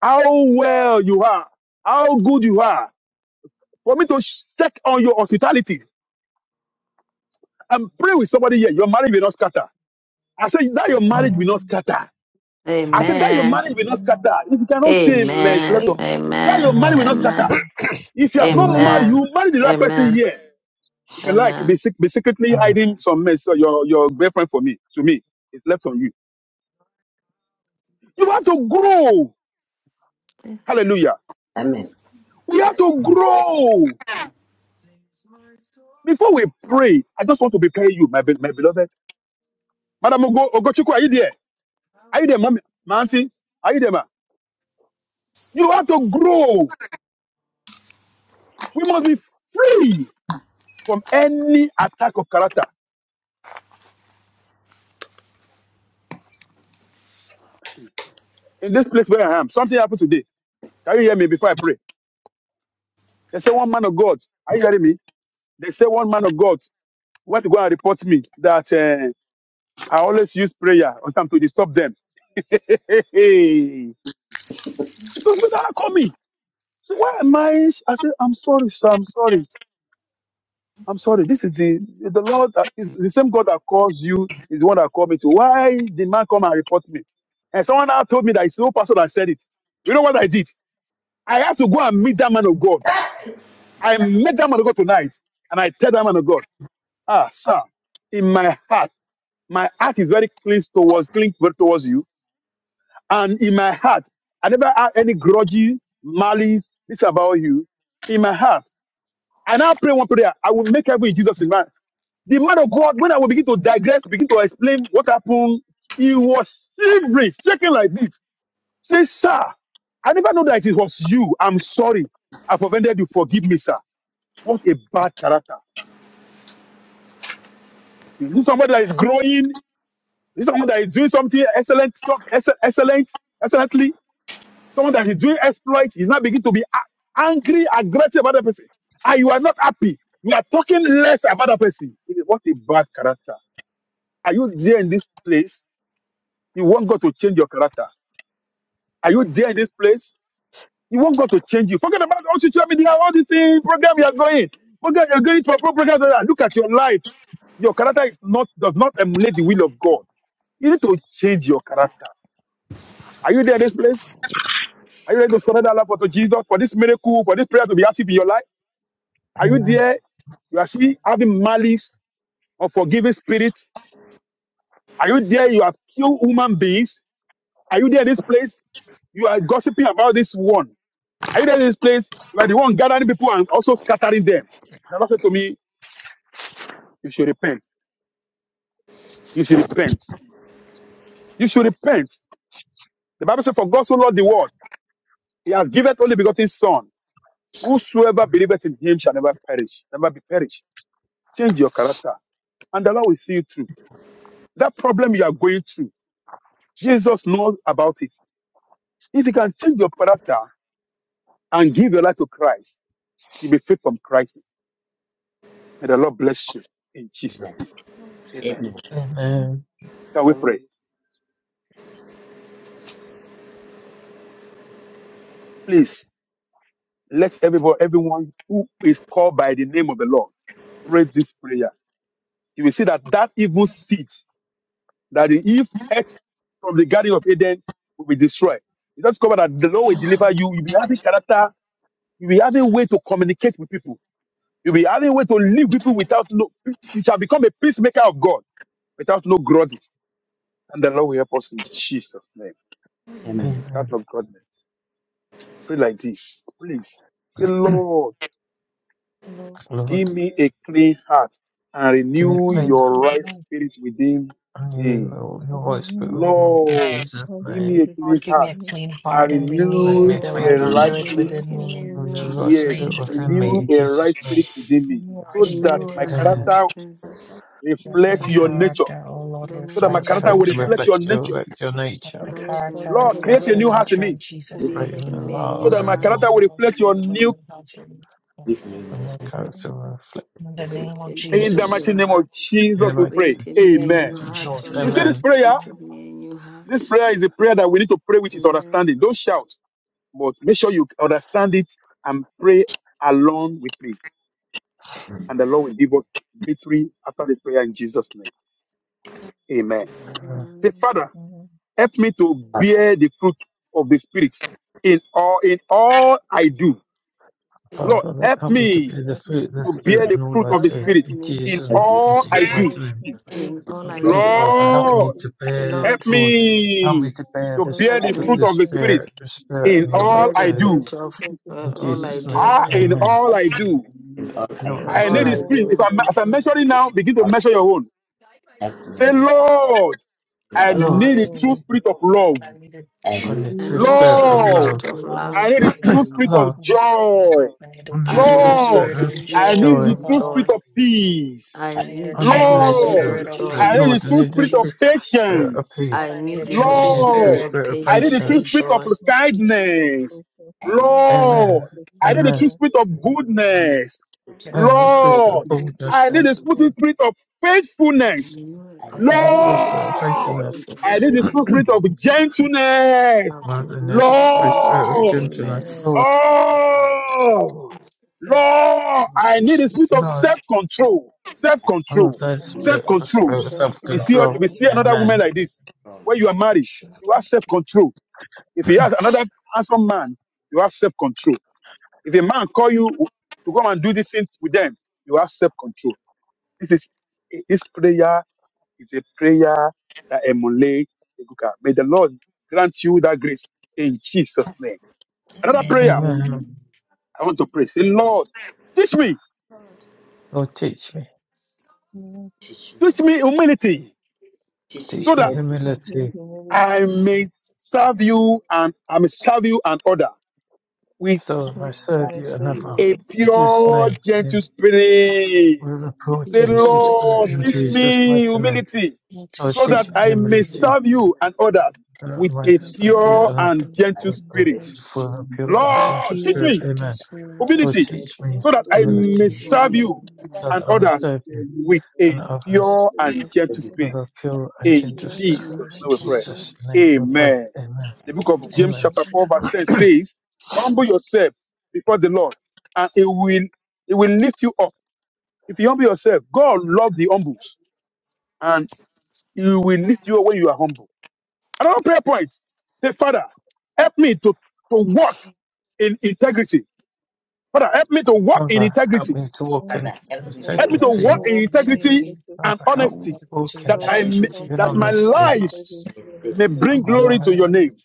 S4: how well you are, how good you are, for me to sh- check on your hospitality and pray with somebody here. Your marriage will not scatter. I said that your
S3: Amen.
S4: marriage will not scatter. I
S3: Amen.
S4: said that your
S2: Amen.
S4: marriage will not scatter. If you cannot
S1: In
S4: say mess,
S1: Jesus'
S4: let
S2: Amen.
S4: up.
S1: name,
S4: That your
S2: Amen.
S4: marriage will
S3: Amen.
S4: not scatter.
S2: Amen.
S4: If you have not
S3: Amen.
S4: married,
S2: Amen.
S4: you marry the right person
S2: Amen.
S4: here. If you like, be,
S2: Amen.
S4: sec- be secretly
S3: Amen.
S4: hiding some mess or your, your girlfriend for me, to me. It's left on you. You have to grow. Hallelujah.
S6: Amen.
S4: We have to grow. Before we pray, I just want to prepare you, my, be- my beloved. Madam Ogo- Ogochukwu, are you there? Are you there, mommy? My auntie? Are you there, ma? You have to grow. We must be free. from any attack of character. In this place where I am, something happened today. Can you hear me before I pray? They say one man of God. Are you hearing me? They say one man of God went to go and report me that uh, I always use prayer or something to disturb them. Those people that call me. So why am I? I said, I'm sorry, sir. I'm sorry. I'm sorry. This is the the Lord that is the same God that calls you is the one that called me to. Why did man come and report me? And someone now told me that it's no pastor that said it. You know what I did? I had to go and meet that man of God. I met that man of God tonight, and I tell that man of God, ah, sir, in my heart, my heart is very clean towards clean towards you, and in my heart, I never had any grudgy malice. This about you. In my heart, and I now pray one prayer. I will make heaven in Jesus' name. Right? The man of God, when I will begin to digress, begin to explain what happened, he was shivering, shaking like this. Say, sir, I never know that it was you. I'm sorry. I've offended you. Forgive me, sir. What a bad character. Is this somebody that is growing? Is this someone that is doing something excellent, some, excel- excellent, excellently? Someone that is doing exploits. He's now begin to be a- angry, aggressive about that person. And you are not happy. You are talking less about that person. It is- What a bad character. Are you there in this place? You want God to change your character. Are you there in this place? You want God to change you. Forget about all social media, all this thing, program you are going. Program you are going for program. Look at your life your character is not does not emulate the will of God. You need to change your character. Are you there in this place? Are you ready to surrender life unto Jesus for this miracle, for this prayer to be active in your life?
S3: Amen.
S4: Are you
S3: Amen.
S4: there? You are still having malice or forgiving spirit. Are you there? You have killed human beings. Are you there in this place? You are gossiping about this one. Are you there in this place? You are the one gathering people and also scattering them. The Lord said to me, You should repent. You should repent. You should repent. The Bible says, For God so loved the world, He has given only begotten Son. Whosoever believeth in him shall never perish, never be perished. Change your character, and the Lord will see you through. That problem you are going through, Jesus knows about it. If you can change your character and give your life to Christ, you'll be free from crisis. May the Lord bless you in Jesus'
S6: Amen.
S4: name. Amen.
S6: Give me your grace.
S3: Amen.
S4: Shall we pray? Please let everybody, everyone who is called by the name of the Lord, pray this prayer. You will see that that evil seed that the Eve ate from the Garden of Eden will be destroyed. You just cover that the Lord will deliver you. You'll be having character. You'll be having way to communicate with people. You'll be having way to live people without no, you shall become a peacemaker of God without no grudges. And the Lord will help us in Jesus' name. Out of goodness. Pray like this, please. Say,
S3: Amen.
S4: Lord,
S3: Lord,
S4: give me a clean heart and
S3: give me a
S4: renew
S5: is
S3: clean
S4: your
S5: in
S4: right
S5: my
S4: spirit within
S3: and you,
S4: me.
S3: Lord. Your Holy Spirit
S5: revenue,
S3: within me. In
S4: Lord,
S3: Jesus'
S5: Lord,
S4: give me
S3: name.
S4: a
S1: Lord,
S4: clean
S1: give me
S4: heart
S1: a clean
S4: and
S1: heart
S3: Lord,
S1: and
S3: Make me
S1: renew
S4: renew
S3: a
S1: the
S4: a
S3: clean
S1: right
S5: give
S3: heart
S4: right
S5: me a
S1: spirits
S4: spirit.
S5: new
S1: within
S5: heart,
S1: me.
S3: and the Holy
S1: Jesus'
S4: Yes,
S3: Spirit
S1: name.
S7: Thank
S3: within
S2: Created
S3: me.
S4: renew
S3: In
S4: a right
S3: Jesus' name.
S4: spirit within me
S1: Renew the right
S4: so that
S1: spirit in
S4: my
S1: me,
S3: Amen.
S1: Lord.
S4: character
S1: Let my
S5: a
S4: reflects
S3: So
S4: your
S3: my,
S4: nature
S1: character, oh Lord,
S4: so
S3: so
S4: that my
S3: my
S1: reflect your
S4: character will
S3: character
S5: Constantine
S1: nature.
S4: reflect your
S3: reflect your,
S4: nature.
S3: reflect your
S1: Let
S3: nature.
S1: my
S5: was the
S1: character
S4: Lord, create
S5: character
S1: reflects
S4: a
S1: your
S4: new
S5: with
S4: heart in
S1: nature
S5: who
S4: me
S1: in Jesus'
S3: Create
S1: name.
S3: in the heart
S4: so
S3: of
S5: protagonist
S4: that my
S3: me, Lord.
S4: character will
S1: Lord,
S4: reflect your
S1: create a
S4: new
S1: new heart in me. Lord.
S3: So my
S5: in
S3: character reflect
S1: In the name of
S2: me a
S4: in the
S1: Jesus.
S4: mighty
S2: new
S4: name
S2: heart,
S4: of
S3: your
S4: Jesus we
S3: nature.
S4: pray.
S2: created
S1: In the
S2: me a
S5: the
S3: Come
S4: Amen.
S2: new
S1: name
S3: to
S1: of
S3: you,
S5: film
S2: heart,
S3: Lord.
S2: O
S1: Jesus.
S4: You see
S1: Amen.
S4: this
S2: Lord.
S3: Amen.
S4: prayer?
S2: Created me a new heart.
S4: This prayer is a prayer that we need to pray with its
S2: Amen.
S4: understanding. Don't shout, but make sure you understand it and pray along with me. And the Lord will give us victory after the prayer in Jesus' name. Amen.
S3: Amen.
S4: Say, Father,
S5: and
S4: help me to bear the fruit of the Spirit in all in all I do. Lord,
S3: Father, that
S4: help
S3: help me to be
S4: me
S3: the fruit of
S5: the
S3: the
S4: to bear
S3: Spirit
S4: the
S3: in all
S4: fruit
S3: I
S4: of the
S2: Lord,
S3: do.
S2: help
S4: Spirit
S3: In
S2: me
S4: in
S3: Jesus,
S6: Help me to
S3: in
S4: all I
S3: Jesus'
S4: do.
S3: mighty name.
S2: in all
S3: Help
S2: I
S3: me,
S6: get
S3: Lord
S6: this
S2: do.
S3: Father, help me
S4: Lord,
S3: to
S6: right
S3: bear,
S4: help
S2: Lord,
S3: Lord, help me
S4: me
S3: to bear
S4: to
S3: the
S4: bear
S5: knows
S2: help
S4: the
S3: fruit
S5: how
S3: of
S4: fruit
S3: the
S2: me
S4: of the
S5: to
S4: Spirit
S3: Spirit, the Spirit
S4: in
S3: in
S2: to
S3: all I
S4: all
S2: bear the
S4: I
S5: play
S3: do.
S5: the
S4: do.
S2: spirit
S5: piece
S2: of
S5: of the
S2: uh,
S3: In
S2: all
S5: station
S2: I
S3: Jesus' name,
S2: do.
S5: all
S4: Ah,
S5: I
S4: in
S5: do
S3: amen.
S4: all I do.
S6: in all
S3: In
S6: I do.
S3: all
S2: Uh,
S3: I
S4: I
S5: in
S2: all
S4: need the
S3: do.
S2: I
S4: Spirit.
S5: all
S4: If
S2: do.
S5: that
S4: I'm,
S5: I
S4: if I'm
S5: do.
S4: measuring now, begin to
S6: Lord,
S4: measure your own.
S6: help me,
S4: Say,
S6: my
S4: Lord, I
S6: Lord.
S3: Lord,
S4: need
S2: Lord,
S4: the true
S5: Lord,
S4: spirit of love.
S1: Lord, I need a
S6: I
S3: I
S6: need,
S3: need
S5: I
S2: I
S3: the
S1: true
S2: need
S5: make
S2: the
S3: Spirit
S5: you
S2: true
S3: of
S1: spirit
S5: speak
S4: Lord,
S3: love,
S2: spirit
S1: of
S5: of
S2: of
S5: the
S1: love.
S4: I
S2: love.
S5: Lord.
S4: need the true spirit
S3: love,
S4: of joy.
S3: I need
S5: I
S2: I
S3: the
S5: make
S2: need the
S5: you
S4: Lord,
S3: Spirit of
S5: speak
S4: I
S5: of
S4: need
S2: spirit
S5: the
S4: the
S3: joy,
S2: of
S5: Lord.
S4: true spirit
S2: joy.
S4: of peace.
S2: I need
S3: I
S2: the
S3: need
S2: true
S3: the
S5: I
S2: spirit
S5: make
S4: Lord,
S3: true
S2: of
S5: you
S3: Spirit,
S2: joy.
S4: I
S5: speak of
S4: need the
S3: Lord, I
S5: the
S4: true
S3: need
S5: Lord.
S3: the
S5: I
S4: spirit of
S3: true Spirit of peace,
S2: I
S4: patience.
S2: need the
S3: Lord,
S2: true
S3: I need the true
S2: spirit
S4: Lord,
S2: of
S3: Spirit of
S4: I need the
S2: patience
S3: patience.
S4: true
S2: and
S4: spirit of
S2: joy.
S5: speak of the
S4: kindness.
S5: Lord.
S6: I
S5: I
S6: need
S5: make you
S3: Amen.
S4: Lord,
S5: speak
S4: I need
S5: of
S4: the
S3: Amen.
S4: true
S5: God.
S4: spirit of goodness.
S6: goodness.
S3: Parents
S5: I'm
S3: refer
S5: super
S4: Lord,
S5: super
S3: boldness,
S4: I need
S2: I
S3: Lord,
S4: the true
S5: super.
S4: spirit of faithfulness.
S6: I need the
S3: and
S2: need
S5: I'm
S2: the
S5: a
S2: true
S3: refer
S2: spirit
S5: super
S4: Lord,
S2: of
S3: faithfulness,
S5: super.
S4: I need the true
S2: faithfulness.
S4: spirit of gentleness.
S2: I
S3: Lord, in
S2: need
S5: I'm
S2: the
S3: this
S5: a
S2: spirit of
S5: super
S3: posture of
S4: Lord,
S3: gentleness,
S5: super.
S2: gentleness.
S3: Lord,
S4: Oh,
S1: Yes.
S4: Lord,
S1: In
S4: I need a
S1: Jesus'
S4: spirit of
S3: Lord,
S1: name.
S4: self-control,
S3: Lord,
S4: self-control,
S3: thy
S5: I'm a
S6: attitude
S3: spirit,
S6: of
S3: the
S6: self
S5: super
S4: self-control.
S3: spirit of
S1: Amen.
S5: self
S4: If we
S6: love
S4: see, if
S3: self-control,
S4: we
S5: control.
S4: see another woman
S3: Amen.
S4: like this,
S6: from
S4: when you are married, you have self-control. If you have another handsome man, you have self-control. If a man call you to come and do this thing with them, you have self-control. This is this prayer is a prayer that emulates. the May the Lord grant you that grace in Jesus' name. Another prayer.
S5: I'm
S3: Amen.
S7: you.
S4: I want to pray. Say, Lord, teach me,
S3: Lord, teach me,
S5: a
S6: teach me.
S4: teach
S5: super
S4: me humility
S6: Teach me
S4: so
S3: teach me
S4: that
S6: from
S7: What did you do to
S5: super
S3: humility,
S7: me?
S4: I
S5: humility.
S4: may serve you and I may serve you and other with
S3: so I may
S5: So
S7: What
S5: can
S6: that
S3: serve
S5: I
S3: you
S5: Thank
S7: did
S5: you. I I I say
S6: faith
S7: you
S3: another.
S4: a
S7: do
S5: you
S3: In
S7: to me?
S6: that
S3: Jesus'
S7: How
S5: I
S4: pure,
S3: name,
S7: much have
S4: gentle
S7: you
S3: Amen.
S7: done to
S4: spirit.
S7: me?
S3: With a poor
S4: Say,
S7: You
S1: Your
S5: fear
S3: gentle
S7: just-
S1: gentle
S5: that the
S3: spirit,
S4: Lord,
S3: in
S4: teach
S1: spirit
S5: fear
S3: Jesus'
S4: me
S3: mighty name.
S4: humility
S1: will
S3: Lord,
S4: so
S1: teach me
S4: that
S3: teach
S7: What
S3: me
S4: I
S7: did
S4: may
S7: you
S1: humility,
S3: humility,
S4: serve
S7: do to me?
S4: you and others
S3: uh,
S7: How
S3: I
S4: with
S7: much
S3: may
S4: a
S7: have you
S3: serve
S7: done
S1: genocide,
S3: you
S7: to
S4: pure
S7: me?
S3: another.
S1: and
S4: and
S1: the
S6: I
S4: gentle
S6: am
S7: You
S6: saved.
S4: spirit.
S7: just
S3: For
S1: universe.
S3: a
S7: did that
S3: pure and
S1: With a
S7: to
S4: Lord,
S3: gentle
S4: teach
S7: me.
S1: pure,
S3: spirit,
S4: me
S1: gentle
S3: Amen.
S1: spirit, O
S3: O
S4: humility
S1: Lord, O
S7: Lord,
S3: teach
S7: you
S1: God.
S3: me
S5: of
S4: so that
S7: have
S4: I
S5: Christian
S7: another
S4: may
S3: humility,
S2: Teach
S7: thing
S4: serve
S5: humility.
S2: me.
S7: now.
S4: you
S3: so
S7: You
S4: and
S6: Jesus.
S3: that I
S7: have
S3: may
S7: a
S4: others
S3: serve you
S4: with
S7: servant for
S3: and
S4: a
S7: that.
S3: others
S4: pure
S7: You
S4: and
S7: just
S6: Thank
S4: gentle
S6: you,
S7: keep
S3: with
S4: spirit.
S7: me
S3: a pure and
S7: and
S4: In
S3: gentle
S1: Gentle
S3: spirit.
S7: keep
S4: Jesus'
S1: spirits in
S4: name
S7: me
S4: we
S3: In
S6: Jesus.
S4: pray.
S1: Jesus'
S3: Jesus'
S1: name.
S3: name we pray.
S4: Amen.
S3: Amen.
S4: The book
S6: Amen.
S4: of
S1: Amen.
S7: from
S4: James
S3: Amen.
S4: chapter 4 verse 10 says, humble yourself before the Lord and it will, it will lift you up. If you humble yourself, God loves the humble and he will lift you up when you are humble. Another prayer point. Say, Father, help me to, to walk in integrity. Father, help me to walk in
S3: Father, help
S4: integrity.
S3: me to walk in
S6: Father, help me to
S5: For
S4: Help me to
S5: walking,
S4: walk
S3: integrity.
S4: in
S5: walking
S4: integrity
S5: in
S4: and
S3: Father, help me
S2: Amen.
S4: honesty
S3: to walk in
S4: that
S6: help
S4: I
S6: me
S5: No,
S4: may,
S6: to
S3: integrity
S5: stop
S3: and
S4: that my
S6: commit
S1: Amen.
S5: awakening
S3: honesty.
S4: life
S5: surgery
S6: my
S5: team
S4: may
S6: spirit
S5: on
S3: Help
S4: bring
S5: us
S3: my
S4: glory to
S3: life,
S4: your name.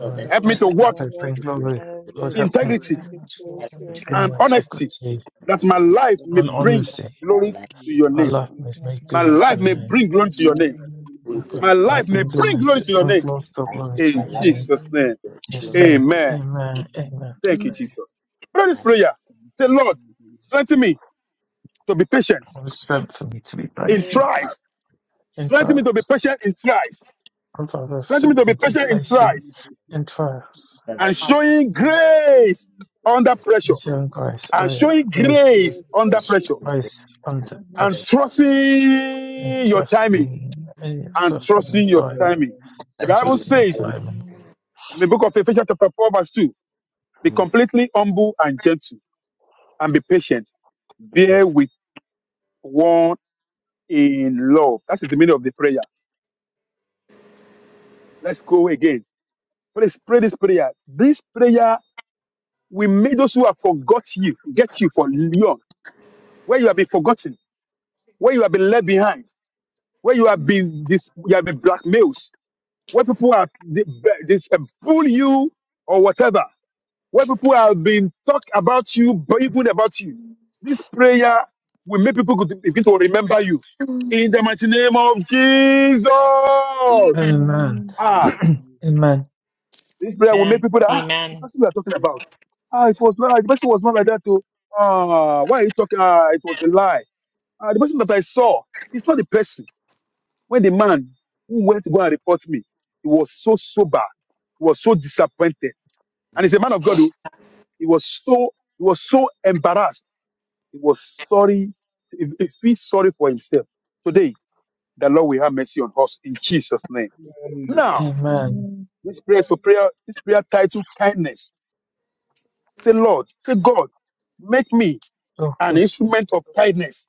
S6: so that
S4: Help me
S6: my
S4: to
S3: life
S5: that
S6: life
S4: walk
S3: will bring
S5: survive
S6: will be
S3: glory. Lord,
S5: every
S3: help me
S5: when
S4: integrity,
S1: Amen.
S5: it's all
S6: help me to
S3: in
S6: fight
S4: and
S5: CNN
S4: honesty
S6: with
S3: integrity
S6: my
S4: that my
S6: honest.
S4: life
S7: Thank
S4: may
S3: and
S4: bring
S3: honesty.
S6: My
S4: glory
S6: life
S4: to your
S3: My
S4: name.
S3: life must make
S4: My
S3: glory to
S4: life
S3: your
S4: may
S3: name.
S4: bring glory to your name.
S3: My
S6: will bring
S3: life
S4: My
S3: will
S6: glory
S4: life may
S3: bring
S4: bring
S3: glory
S4: glory
S3: to,
S4: to your
S3: my
S4: name.
S3: Lord, God,
S6: I,
S3: glory
S6: I
S4: In
S3: to
S6: love
S3: your
S5: and not
S3: name.
S4: Jesus' name.
S6: you.
S3: Yes,
S6: you
S3: name.
S4: Amen.
S3: Amen. Amen.
S4: Thank you, Jesus. Pray this
S6: and
S4: prayer. Say, Lord, strengthen me to be patient
S3: The strength for me to be
S4: in
S5: Lord,
S3: patient
S4: trials.
S3: in
S4: Strengthen me to be
S3: trials.
S4: patient in trials.
S3: And Father,
S4: Strengthen me
S3: strength
S4: to
S3: for
S4: be
S3: me to be
S4: patient
S5: all
S4: in
S3: patient
S4: trials.
S3: in trials.
S6: brother
S4: And
S6: teach
S4: showing
S5: good
S4: grace
S5: is a
S6: me
S4: under pressure.
S3: And
S5: complete
S3: showing grace, oh
S4: And
S3: yeah,
S4: showing
S3: grace,
S4: grace
S5: betrayal.
S6: and
S4: under
S6: show
S5: It's
S4: pressure.
S6: me grace
S3: grace
S6: and
S3: under
S5: an
S4: And
S6: grace.
S3: pressure. And
S4: trusting your timing
S3: trusting, and yes,
S4: and
S3: trusting your
S4: trusting your
S3: timing.
S4: timing. The
S3: And
S6: Fasting
S4: Bible
S6: and
S3: trusting your
S4: says
S6: time.
S3: timing.
S2: Amen.
S4: in the book of Ephesians chapter 4 verse 2, be
S6: Amen.
S4: completely humble and gentle and be patient. Bear with one in love. That is the meaning of the prayer. Let's go again. Please pray this prayer. This prayer will make those who have forgot you, get you for long, where you have been forgotten, where you have been left behind, where you have been, this, you have been blackmailed, where people have they, they, they, bully you or whatever. where people have been talk about you, but even about you. This prayer will make people to- begin to remember you. In the mighty name of Jesus.
S3: Amen.
S5: opinion,
S6: Amen.
S4: Ah,
S3: Amen.
S4: this prayer will make people that, ah, the
S1: Amen.
S4: person we are talking about. Ah, it was not, the person was not like that too. Ah, why are you talking? Ah, it was a lie. Ah, the person that I saw, it's not the person. When the man who went to go and report me, he was so sober, he was so disappointed. And he's a man of God who, he was so, he was so embarrassed He was sorry. He if he's sorry for himself, today the Lord will have mercy on us in Jesus' name.
S6: Amen.
S4: Now,
S3: Amen.
S5: and
S4: this prayer for prayer, this prayer title, kindness. Say, Lord, say, God, make me
S3: Oh
S4: an
S3: God,
S4: instrument of kindness.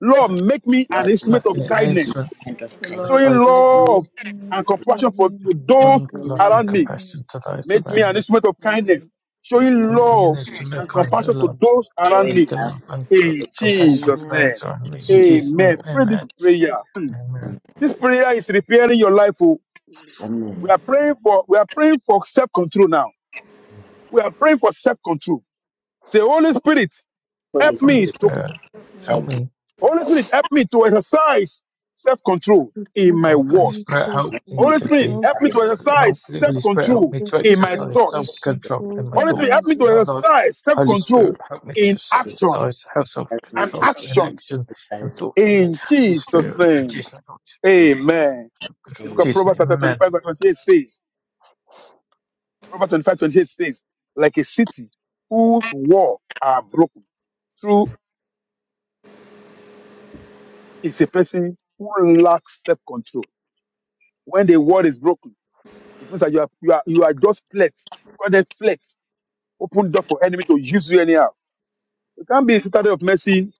S4: Lord, make me an
S6: Lord,
S3: let
S4: instrument of
S6: make
S3: me
S6: me
S3: an
S6: an
S4: kindness,
S3: instrument
S6: instrument of
S2: The
S6: kindness,
S3: of
S2: Lord
S4: showing
S2: make
S4: love
S2: me.
S3: tightness,
S4: and compassion for to those
S3: love, love
S2: Amen.
S3: and
S4: around me.
S3: compassion to those
S4: Make me
S3: around
S4: an
S3: me.
S4: instrument of
S2: Mm-hmm.
S4: kindness,
S6: making me
S4: showing
S3: And make me an
S4: love
S3: instrument of
S4: and
S3: kindness,
S4: compassion to
S3: love.
S4: those around
S6: showing
S4: me.
S3: until
S6: love
S3: and c-
S4: In
S6: yes, I
S3: compassion
S2: Amen.
S4: Jesus'
S2: Amen.
S4: name.
S3: flows
S6: in
S3: on me. In
S6: Jesus'
S3: Jesus'
S2: Amen.
S4: Amen.
S3: name,
S4: Pray this
S3: amen.
S4: prayer.
S6: name.
S4: Hmm.
S3: Amen.
S6: Amen.
S4: This prayer is repairing your life. oh. We
S6: Amen.
S4: are praying for we are praying for self-control now. We are praying for self-control. Say, Holy Spirit,
S6: Holy
S4: help
S3: Holy
S4: me
S6: Spirit,
S4: to
S3: Spirit, help
S6: help
S3: me.
S4: Holy Spirit, help me to exercise self-control
S5: it's
S4: in
S5: not
S4: my
S3: Oh, Holy
S4: words.
S5: always
S3: Spirit,
S5: good
S3: help
S5: to
S3: me
S6: me
S4: Holy
S3: to
S6: to
S4: Spirit,
S3: be,
S5: help
S4: help me
S5: and
S4: to
S6: exercise.
S3: help
S4: exercise
S3: me, Holy Spirit, help
S4: self-control
S3: me
S5: get
S3: to
S4: in my
S5: yourself
S3: exercise
S5: out
S4: thoughts.
S5: of
S3: self-control
S5: control
S3: in my
S4: Holy
S5: in
S4: Spirit, help
S5: your
S4: me
S3: thoughts,
S4: to
S3: my
S5: day.
S3: Lord.
S4: exercise
S3: Holy Spirit,
S4: self-control
S3: help me to
S4: in action
S3: exercise
S6: Help me
S4: and
S6: to
S3: self-control in
S4: action
S3: action and
S6: exercise.
S3: thoughts. Amen.
S4: in
S3: Holy
S4: Jesus'
S3: Spirit, in
S4: name.
S3: Jesus' name, Lord,
S4: Amen.
S3: self-control.
S4: The
S3: in
S4: book of
S6: Amen.
S3: Jesus'
S4: Proverbs
S3: name,
S4: chapter
S3: amen.
S4: 25, verse 28 says, Proverbs 25:28 says, like a city whose walls are broken through is a person who lacks self-control. When the wall is broken, it means that you are, you are, you are just flex. Because that flex open door for enemy to use you anyhow. You can't be a citadel of mercy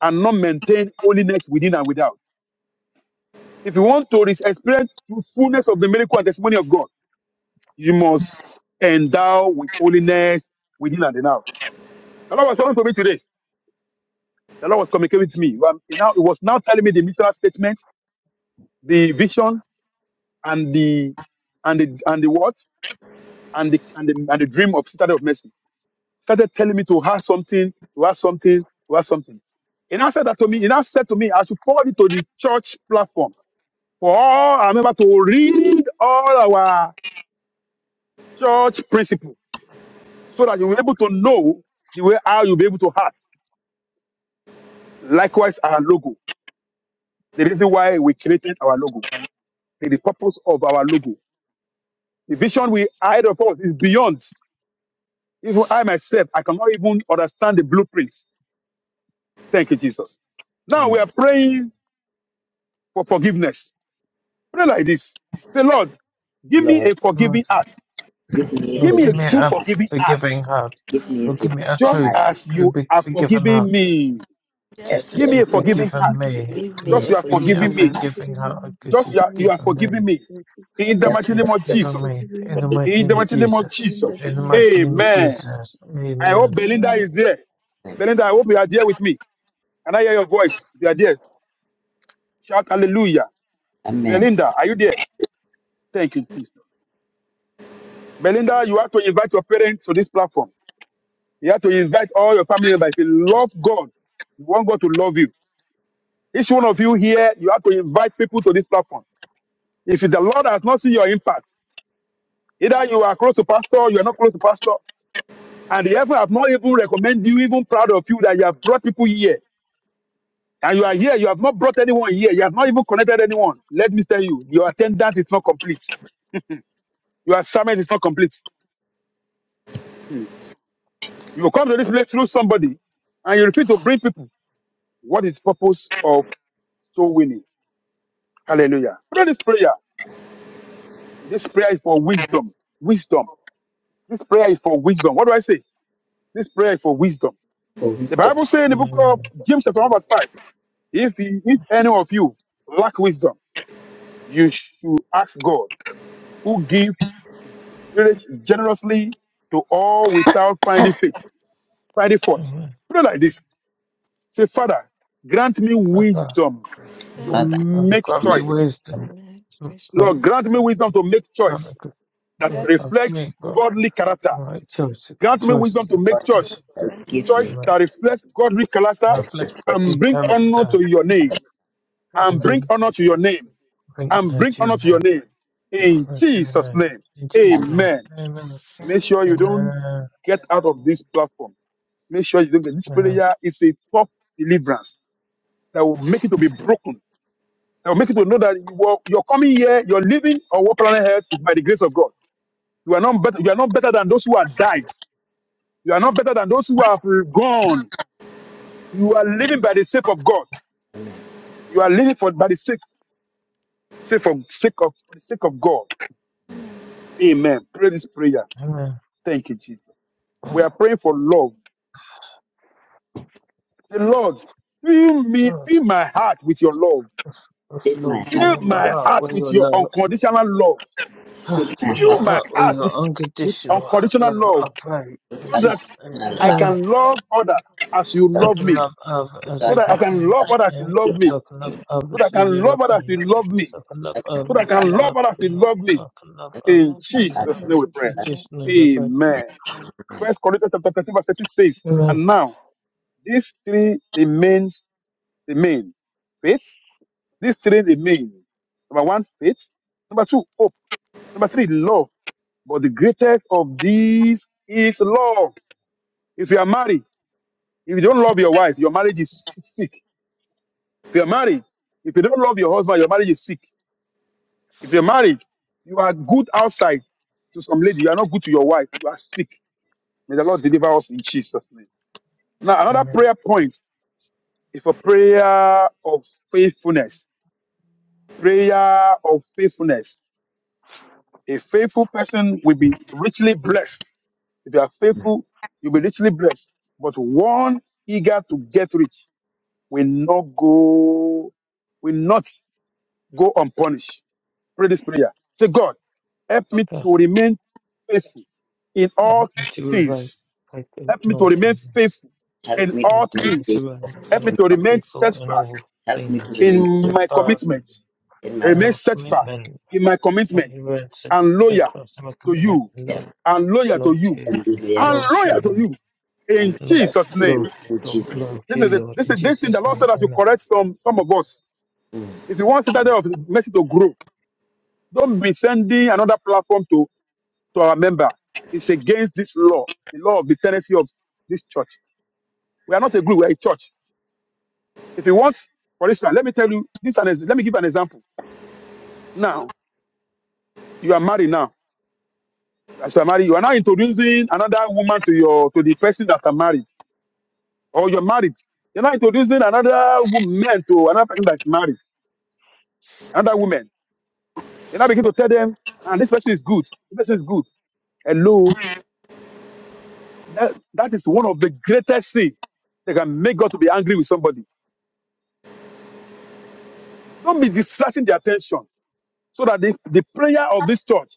S4: and not maintain holiness within and without. If you want to re- experience the fullness of the miracle and testimony of God, you must endow with holiness within and without. The Lord was talking to me today. The Lord was communicating with me. Well, he now it was now telling me the missional statement, the vision, and the and the and the what and the and the, and the dream of Citadel of Mercy. Started telling me to have something, to have something, to have something. He now said that to me. He now said to me, I should forward it to the church platform for all our members to read all our church principle, so that you'll be able to know the way how you'll be able to act. Likewise, our logo. The reason why we created our logo, the the purpose of our logo. The vision we hide of us is beyond. Even I myself, I cannot even understand the blueprint. Thank you, Jesus. Now we are
S6: Amen.
S4: praying for forgiveness. Pray like this. Say, Lord, give me
S6: Lord,
S4: a
S3: Lord,
S4: forgiving heart.
S6: give me a
S4: Give
S3: Lord,
S4: me
S3: give
S4: a
S3: me
S6: forgiving
S4: true
S3: a
S6: heart.
S4: forgiving heart,
S3: forgiving heart.
S6: Give me a
S3: Lord, give me
S6: forgiving
S3: a
S4: just
S3: true,
S6: heart.
S4: as
S3: true,
S4: you
S3: big
S4: are
S3: forgiving heart.
S4: forgiving me.
S3: just
S6: Yes,
S4: Give
S3: as
S4: me
S6: yes,
S4: a
S3: you've
S6: yes.
S4: forgiving
S2: God,
S3: forgiven
S4: heart,
S3: me.
S2: Give me
S4: just
S2: a
S4: you are
S3: Give me a
S4: forgiving
S2: forgiving heart.
S5: and
S4: me.
S3: forgiving heart
S5: healing
S3: because
S4: Just
S3: you've
S4: you are, you
S5: and
S4: are
S3: forgiven
S4: forgiving
S3: me.
S4: me. In the
S5: forgiveness
S3: Because
S6: Just
S4: mighty
S3: you've
S6: for
S4: name
S5: from
S4: of
S6: the
S5: the
S3: forgiven
S4: Jesus.
S3: me. In the
S5: forgiveness
S3: mighty
S4: In the
S3: name of
S4: mighty name of
S5: of the
S3: Jesus.
S4: Jesus.
S5: mighty
S3: In the
S5: name of
S3: mighty name of
S5: Jesus.
S4: Amen.
S3: Jesus.
S4: I hope
S3: Amen.
S4: Belinda
S5: Amen.
S4: is there.
S6: time,
S4: Belinda, I hope you are there with me. Can I hear your voice? If you are there, shout hallelujah.
S6: Amen.
S4: Belinda, are you there? Thank you, Jesus. Belinda, you have to invite your parents to this platform. You have to invite all your family members. If you love God, you want God to love you. Each one of you here, you have to invite people to this platform. If the Lord has not seen your impact, either you are close to pastor, you are not close to pastor, and the heaven have not even recommended you, even proud of you that you have brought people here. And you are here, you have not brought anyone here, you have not even connected anyone. Let me tell you, your attendance is not complete. Your assignment is not complete. Hmm. You will come to this place through somebody and you refuse to bring people. What is purpose of soul winning? Hallelujah. Pray this prayer. This prayer is for wisdom. Wisdom. This prayer is for wisdom. What do I say? This prayer is for wisdom.
S6: for
S4: The
S6: wisdom.
S4: Bible says in the book of
S3: Amen.
S4: James chapter 1 verse 5, if, he- if any of you lack wisdom, you should ask God who gives generously to all without finding faith, finding fault.
S3: Amen.
S4: Pray like this. Say, Father, grant me
S3: Father,
S4: wisdom to
S3: God,
S6: Father,
S3: Father,
S4: make
S3: grant me
S6: give
S4: choice.
S3: wisdom. Make,
S4: Lord, grant me wisdom to make
S3: grant me,
S4: choice
S3: good-
S4: that
S3: God, Father, give
S4: reflects
S3: me God,
S4: godly character.
S3: the right choice,
S4: Grant me
S3: choice
S4: wisdom to
S3: to,
S4: make
S3: to,
S4: choice,
S3: to,
S6: give
S3: to
S6: me
S4: choice
S3: make,
S4: that reflects godly character
S3: reflect
S6: justice. Let
S3: the
S4: and bring honor
S3: character
S4: to your name.
S3: and
S4: And bring
S3: bring,
S4: honor to your name.
S3: bring
S4: And
S3: honor
S4: bring
S3: to your
S4: honor to your
S3: name.
S4: name. In
S3: Glory to
S4: Jesus'
S3: name.
S4: name.
S3: In Jesus'
S6: um,
S3: name.
S4: Amen.
S3: Amen.
S4: Make sure you don't
S3: Amen.
S4: get out of this platform. Make sure you don't get this
S3: Amen.
S4: prayer is a tough deliverance that will make it to be broken Or make people know that you were, you're coming here, you're living on what planet Earth is by the grace of God. You are not better. You are not better than those who have died. You are not better than those who have gone. You are living by the sake of God. You are living for by the sake, sake of sake of for the sake of God. Amen. Pray this prayer.
S3: Amen.
S4: Thank you, Jesus. We are praying for love. Say, Lord, fill me,
S3: Yes,
S4: fill my heart with your love.
S6: in my
S3: Lord, fill
S6: heart,
S3: me
S4: Fill
S3: my
S4: my
S6: Lord.
S3: heart
S4: heart
S3: with
S4: with
S3: your
S4: your
S3: love.
S4: unconditional love.
S6: fill my
S3: Fill
S4: Fill
S3: my
S6: heart
S4: my
S3: heart with
S4: heart
S3: your
S4: with, with
S3: unconditional
S4: unconditional
S3: love. I
S4: love.
S3: pray
S6: with
S3: in
S4: so that
S3: Jesus' name.
S6: unconditional
S4: I
S6: love,
S3: Amen.
S4: can love others as you
S3: So I
S4: love
S6: Lord,
S3: can
S4: me,
S3: love others as
S6: so I
S4: so
S3: you
S4: that
S6: can
S4: I
S3: love
S4: can
S3: me.
S4: love others as
S3: Amen.
S4: you love
S3: So
S4: me,
S3: I can love
S4: so that
S3: others
S4: I
S3: as
S4: can
S3: you love
S4: love others as
S3: me.
S4: you love me,
S3: So I can love
S4: so that I
S3: others as
S4: can
S3: you
S4: love
S3: love
S4: others as you
S3: me.
S4: love
S3: So
S4: me.
S3: I can love others
S4: In
S6: love
S3: as you
S4: Jesus'
S3: love
S6: others.
S4: name
S3: me.
S4: we pray.
S3: In
S6: Lord.
S3: Jesus' name I pray.
S4: Amen. First Corinthians chapter 13, verse 13 says,
S3: Amen.
S4: And now these three remain remain. Faith, these three remain. Number one, faith. Number two, hope. Number three, love. But the greatest of these is love. If you are married, if you don't love your wife, your marriage is sick If you're married, if you don't love your husband, your marriage is sick. If you're married, you are good outside to some lady, you are not good to your wife, you are sick. May the Lord deliver us in Jesus' name. Now, another
S3: Amen.
S4: prayer point is for prayer of faithfulness. Prayer of faithfulness. A faithful person will be richly blessed. If you are faithful, you'll be richly blessed. But one eager to get rich will not go, will not go unpunished. Pray this prayer. Say, God, help me to remain faithful in
S3: Now
S4: all
S3: if you will write,
S4: things.
S3: faithful
S4: Help
S3: in
S4: me to
S3: all
S4: remain
S3: things,
S4: faithful
S6: Help
S4: in
S6: me to
S3: Lord,
S4: all
S3: help
S6: remain
S3: me to
S4: things.
S3: write
S6: faithful
S4: Help me
S6: in
S3: fa-
S4: to
S6: God.
S4: remain
S3: faithful in
S4: steadfast
S3: all
S6: Help me to
S3: things,
S6: remain
S4: in my
S3: steadfast
S4: commitment.
S6: in my
S3: in
S4: Remain
S3: all
S6: commitment
S4: steadfast
S3: commitment,
S4: in my
S3: help
S4: commitment
S3: me write st-
S4: and loyal
S3: steadfast in my
S4: to
S6: and,
S3: commitment,
S4: you.
S3: and lo-
S6: um,
S4: And loyal to
S3: love to
S4: you.
S3: you,
S6: and be loyal
S4: And
S3: love
S6: to-
S3: to you,
S4: loyal to you.
S3: Lord,
S4: In
S6: and
S3: love
S6: help
S4: Jesus'
S6: to
S3: to
S4: name.
S6: you
S3: love,
S6: in
S3: love,
S6: Jesus'
S3: love to
S4: This is
S3: you,
S4: a,
S3: Lord,
S4: this
S3: in
S4: is this thing the
S3: Jesus'
S4: Lord
S3: name,
S4: said that you
S3: amen.
S4: correct some some of us.
S6: name. Mm.
S4: If you want Citadel of Mercy to grow, don't be sending another platform to to our member. It's against this law, the law of the tenancy of this church. We are not a group, we are a church. If you want, for instance, let me tell you this is an ex- let me give an example. Now, you are married now. As you are married, you are now introducing another woman to your to the person that are married, or you're married. You're now introducing another woman to another person that's married, another woman. You now begin to tell them, and this person is good, this person is good. Hello, that, that is one of the greatest things that can make God to be angry with somebody. Don't be distracting their attention. so that the, the prayer of this church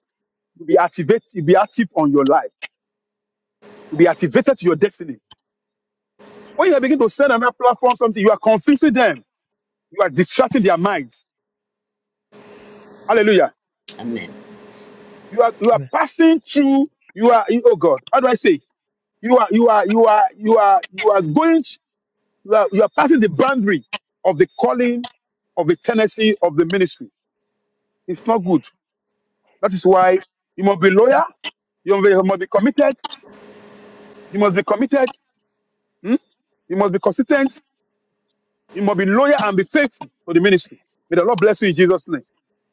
S4: will be activated, will be active on your life, will be activated to your destiny. When you begin to send on that platform something, you are confusing them, you are distracting their minds. Hallelujah.
S6: Amen.
S4: You are you are
S3: Amen.
S4: passing through, you are you- oh God, how do I say? You are you are you are you are you are going to- you are, you are passing the boundary of the calling of the tendency of the ministry. It's not good. That is why you must be loyal, you must be you must be committed, you must be committed, hmm? you must be consistent, You must be loyal and be faithful to the ministry. May the Lord bless you in Jesus' name.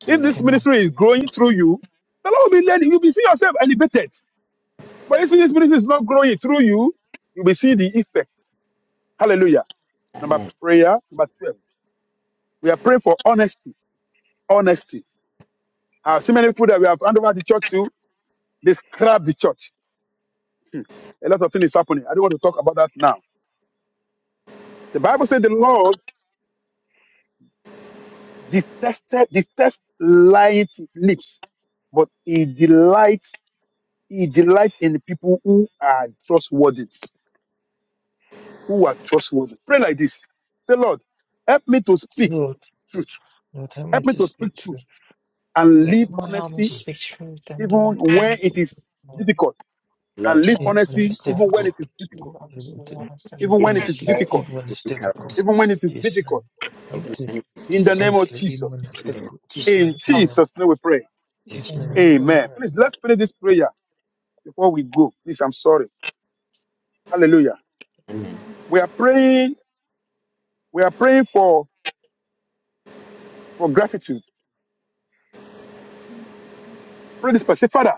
S4: If this
S6: Amen.
S3: Amen.
S4: ministry is growing through you, the Lord will be letting you be see yourself elevated. But if this ministry is not growing through you, you will see the effect. Hallelujah. Number
S6: Amen.
S4: prayer, number 12. We are praying for honesty. Honesty. I have seen many people that we have handed over the church to describe the church. Hmm. A lot of things is happening. I don't want to talk about that now. The Bible says the Lord detested, detests lying lips, but he delights He delights in people who are trustworthy, who are trustworthy. Pray like this. Say, Lord, help me to speak
S3: Lord,
S4: truth.
S3: Lord, help me
S4: Help me
S3: to
S4: to speak
S3: speak truth.
S4: truth and
S3: Lord,
S4: live
S3: help me to
S1: Lord, help
S3: speak
S1: me to
S4: honesty
S3: truth.
S1: speak truth and live
S4: even when
S1: honestly.
S4: it is
S1: honesty. Lord,
S4: difficult. And
S6: Lord,
S1: You
S4: live
S6: help
S1: know,
S3: Even
S1: it's
S3: when
S4: honesty
S3: it's
S4: even
S1: difficult.
S4: when
S3: difficult.
S4: it is
S1: You
S4: difficult.
S1: know,
S3: Even to-
S1: it's
S4: Even
S6: me
S4: when
S1: difficult.
S4: it
S6: to
S1: In
S4: is
S3: Honestly,
S6: pray
S1: Jesus'
S4: difficult.
S1: name.
S3: even
S6: It's
S3: when it's difficult.
S6: difficult,
S4: Even when it is
S3: In Jesus' name.
S4: difficult.
S3: Help
S6: even
S3: to.
S6: when it is
S4: In the
S6: difficult.
S1: So,
S4: name of
S3: honestly, even
S4: Jesus.
S3: when it's
S6: In the name
S3: difficult, just
S1: Jesus.
S3: know
S4: In
S3: Amen.
S4: Jesus' name we pray.
S6: of
S3: Just
S6: Jesus.
S3: know your
S1: Amen.
S3: Amen.
S4: Amen. Please, let's pray this prayer before we go. Please, I'm sorry. Hallelujah.
S6: Amen.
S4: We are praying. We are praying for, for gratitude. Pray this prayer. Say, Father,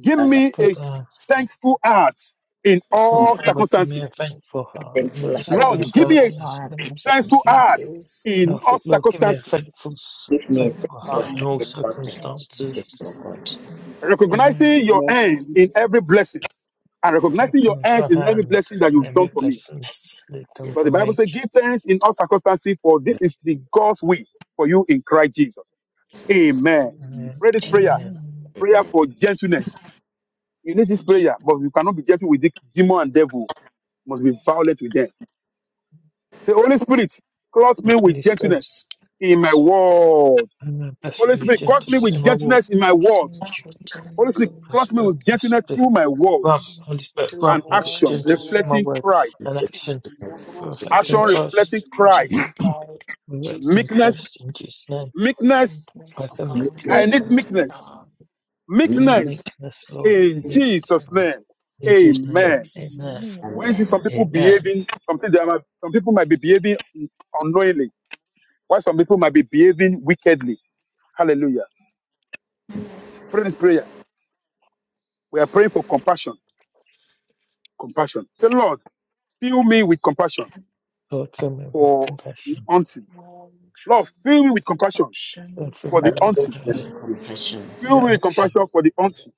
S4: Give
S6: And I'm
S4: me
S3: But
S4: a
S3: uh,
S4: thankful heart in
S3: Lord,
S4: all
S3: Father, give me a
S4: circumstances.
S3: thankful heart in
S6: thankful
S3: all
S1: Lord,
S6: heart.
S1: deliver
S4: Lord, give
S1: them
S4: me a
S1: from
S3: circumstances.
S1: all evil
S4: thankful heart
S1: circumstances.
S3: And I
S4: in all
S3: think, Lord, give me a
S4: circumstances,
S3: thankful,
S6: Give me a
S3: thankful
S6: thankful
S3: heart in
S6: heart
S3: all
S6: in all circumstances,
S3: circumstances.
S6: oh God.
S3: Amen.
S4: recognizing your
S1: Yes.
S4: hand in every blessing and recognizing your
S3: Recognize your
S4: hands in every
S3: hand
S4: blessing that
S3: in
S4: you've done
S3: every
S4: for me.
S3: blessing that done
S6: Yes,
S4: Because
S3: for
S4: the Bible
S3: me.
S4: says, give thanks in all circumstances, for this is the God's will for you in Christ Jesus. Amen.
S3: Amen.
S4: Pray this prayer,
S3: Amen.
S1: Amen.
S4: prayer
S6: amen.
S4: for gentleness. You need this
S1: Curse
S4: prayer, but you cannot be gentle with the demon and devil. You must be violent with them. Say, Holy Spirit, clothe me with
S3: Holy Spirit,
S4: gentleness in my word.
S3: Amen. Bless
S4: Holy
S3: me with
S4: Spirit, clothe me
S3: gentleness in
S4: with
S3: my walk.
S4: gentleness in my word.
S1: me, children,
S4: Holy Spirit,
S3: Holy
S4: clothe me
S3: Spirit,
S4: with
S3: bless
S4: gentleness
S3: me.
S4: through my
S3: Grant,
S4: words
S3: Holy Spirit,
S1: do the
S4: and
S3: grant me with
S4: action
S1: Lord's
S3: gentleness
S1: all
S3: through my
S4: reflecting
S3: word
S4: Christ.
S3: and action
S1: Jesus,
S6: Yes.
S3: for
S1: project and
S4: Action
S3: reflecting Christ.
S4: reflecting
S1: Jesus, projecting
S4: Christ.
S1: pride. In
S3: Direct in
S1: Jesus' name,
S4: Meekness,
S3: Christ in Jesus' name.
S4: meekness.
S3: Pray
S1: influence of
S3: for
S1: God,
S3: meekness,
S4: I need
S6: Meekness,
S3: Lord.
S1: mercy of
S4: meekness.
S1: God,
S3: Only
S6: meekness,
S4: Meekness
S3: meekness, Lord.
S4: in
S1: influence of
S3: Meekness,
S4: Jesus'
S1: God.
S3: Lord.
S4: name.
S3: In Jesus'
S1: In
S6: yes.
S3: name.
S4: Amen.
S1: Jesus'
S7: you.
S3: Amen.
S1: name,
S4: When you see
S1: amen.
S4: some
S6: amen.
S4: people
S3: Amen.
S4: behaving, something they might, some people might be behaving unknowingly, while some people might be behaving wickedly. Hallelujah. Pray this prayer. We are praying for compassion. Compassion. Say, Lord, fill me with compassion
S3: Lord, fill me with
S4: for the
S3: compassion.
S4: auntie.
S1: Well, true,
S4: Lord, fill me with compassion
S1: compassion of
S3: Lord, fill
S4: for
S1: God.
S3: me
S4: the
S6: But
S3: with
S6: fill me
S4: auntie.
S3: compassion.
S6: with compassion,
S4: Fill
S3: The
S4: me with
S3: unction.
S4: compassion for the auntie.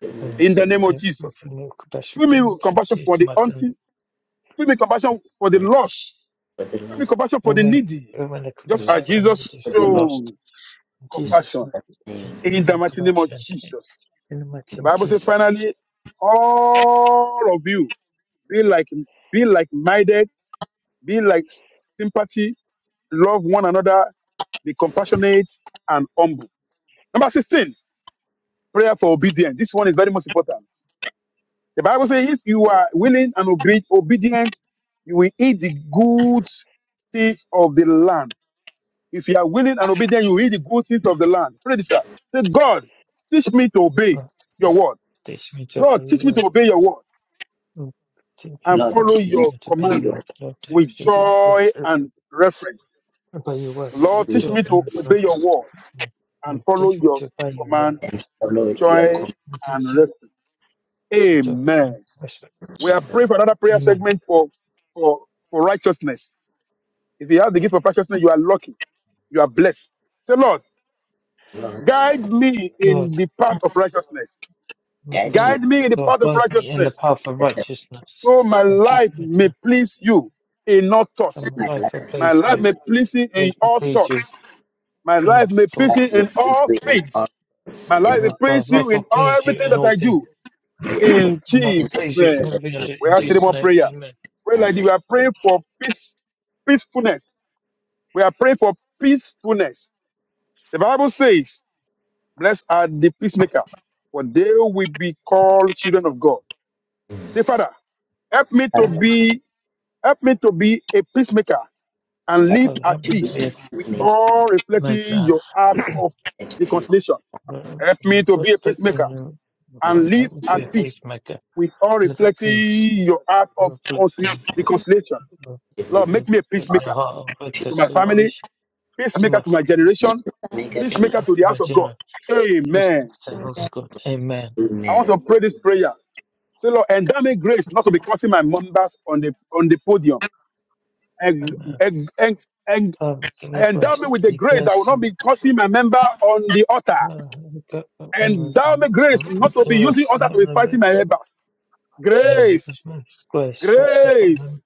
S6: fill me with
S3: Amen.
S4: In the name of
S3: Amen.
S4: Jesus.
S3: Fill me with compassion
S4: Fill
S3: for the
S4: me with
S3: unction.
S4: compassion for
S3: Jesus,
S4: the
S3: my dear.
S4: auntie. Fill me with compassion for the
S6: compassion
S4: lost.
S6: for the
S4: Fill me with
S6: lost,
S4: compassion for
S3: Fill
S4: the
S3: me
S4: needy.
S3: fill me with
S4: Just
S6: fill me
S3: compassion
S4: as
S3: for the
S4: Jesus
S3: needy,
S6: with the
S3: for the
S6: needs
S3: lost.
S4: showed
S3: In Jesus, my
S4: compassion.
S3: dear.
S6: name.
S4: In
S3: In
S4: the
S3: the
S4: mighty name of
S3: compassion.
S4: Jesus.
S3: In the mighty
S4: The
S3: name of
S4: Bible says,
S3: Jesus.
S4: finally, all of you be like, be like minded, be like sympathy, love one another, be compassionate and humble. Number 16, prayer for obedience. This one is very most important. The Bible says, if you are willing and obe- obedient, you will eat the good things of the land. If you are willing and obedient, you will eat the good things of the land. Pray this out. Say, God, teach me to obey
S3: Lord,
S4: your word.
S3: teach me to
S4: God,
S3: obey your
S4: teach me
S3: word.
S4: to obey your word
S3: Lord, teach me,
S4: and
S6: Lord,
S3: God,
S4: follow
S6: teach me
S4: your
S3: to obey
S6: to
S3: your
S6: do
S4: command
S6: your
S3: word. Lord, teach me
S4: with
S3: to be good.
S4: joy and reverence.
S3: uh, Obey your word.
S4: Lord,
S3: Lord,
S4: teach
S6: truth
S3: do
S4: me
S3: it in
S4: to obey your
S3: response.
S4: word
S3: Lord, Lord,
S4: and follow
S3: teach me
S4: your
S3: to obey your word.
S4: command
S6: and follow your
S4: joy,
S6: command,
S3: Lord, teach
S4: and
S3: me
S4: refuge.
S3: to do it
S4: Amen.
S3: respect.
S4: We are praying
S6: Jesus.
S4: for another prayer
S3: Amen.
S4: segment for, for, for righteousness. If you have the gift of righteousness, you are lucky. You are blessed. Say, Lord,
S6: Lord,
S4: guide me
S3: Lord,
S4: in the path of righteousness.
S3: Lord
S6: guide
S3: God,
S6: me
S4: Guide me in the
S3: Lord,
S4: path of
S3: guide me in the
S4: righteousness
S3: path of
S6: precious
S3: righteousness.
S4: so my
S3: And teach
S4: life
S3: me
S4: may
S3: to
S4: please you in all
S6: in
S4: thoughts.
S3: some
S6: my
S3: life of
S6: life.
S4: My
S3: please
S4: life
S3: me,
S4: may please you in
S3: please me,
S4: all
S3: please you
S4: thoughts. My
S3: in
S4: life
S3: all
S4: may please you
S6: Life will
S3: thoughts.
S4: in all
S6: be in all
S4: things.
S6: things,
S4: My
S6: in
S3: And
S4: life may
S3: Lord
S6: all
S3: God,
S4: please you
S3: life will
S4: in all
S3: please you
S4: everything
S3: in
S4: that
S3: all
S4: I
S3: things.
S4: do.
S6: years,
S3: and
S4: in
S3: life
S6: in
S3: will
S4: Jesus'
S3: please you in
S4: name.
S3: everything I
S6: every
S3: do.
S4: We
S3: In
S4: have three
S3: Jesus'
S4: more
S3: name,
S4: prayers. Pray like
S6: Amen.
S4: this. We are praying for peace, peacefulness. We are praying for peacefulness. The Bible says, Blessed are the peacemaker, for they will be called children of God. Dear Father, help me to
S3: amen.
S6: Father,
S4: be help me to be a peacemaker and
S6: help
S4: live
S6: me
S3: Father,
S4: at
S3: help
S6: to
S3: me
S6: be
S4: peace
S3: today,
S4: with
S6: immensely
S3: please.
S4: all
S3: My
S4: reflecting
S3: God,
S4: your art of
S6: at peace
S4: reconciliation. Help me to be a peacemaker
S3: reflecting you,
S6: and
S3: Father,
S4: and live
S3: help me
S6: peace
S3: to be
S4: at
S3: a
S6: to
S4: peace
S3: pacemaker.
S4: with all
S3: Live at
S4: reflecting
S3: peace,
S4: your act of conci-
S3: reflecting,
S4: reconciliation.
S3: uh,
S4: Lord,
S6: live
S3: uh,
S4: make me a
S6: on
S3: reflecting a
S4: peacemaker
S3: heart of
S4: to my family,
S3: reconciliation to
S4: peacemaker
S3: my
S4: to my
S3: family,
S4: generation,
S3: the
S6: Omega to
S3: first
S4: peacemaker
S3: one
S4: to the
S3: to my
S4: house of God.
S3: general, peacemaker
S4: Amen.
S3: to the house God. Amen.
S4: I want
S6: Amen.
S4: to pray this prayer. Say, Lord, endow me grace not to be cursing my members on the on the podium. And,
S3: Amen.
S4: and, and, and
S3: Father, give me
S4: endow
S3: grace
S4: me
S3: not
S4: with
S3: to
S4: the
S3: be
S4: grace that will
S3: cursed.
S4: not
S3: and,
S4: be cursing my member on the altar.
S3: uh, God, help me with my
S4: Endow me
S3: lips,
S4: grace
S3: shall not be
S4: not to be using
S3: cursed. in
S4: altar
S3: the
S4: to be
S3: name
S4: fighting
S3: of-
S4: my members.
S3: Amen.
S4: Grace,
S3: Give me grace not to be found
S4: grace,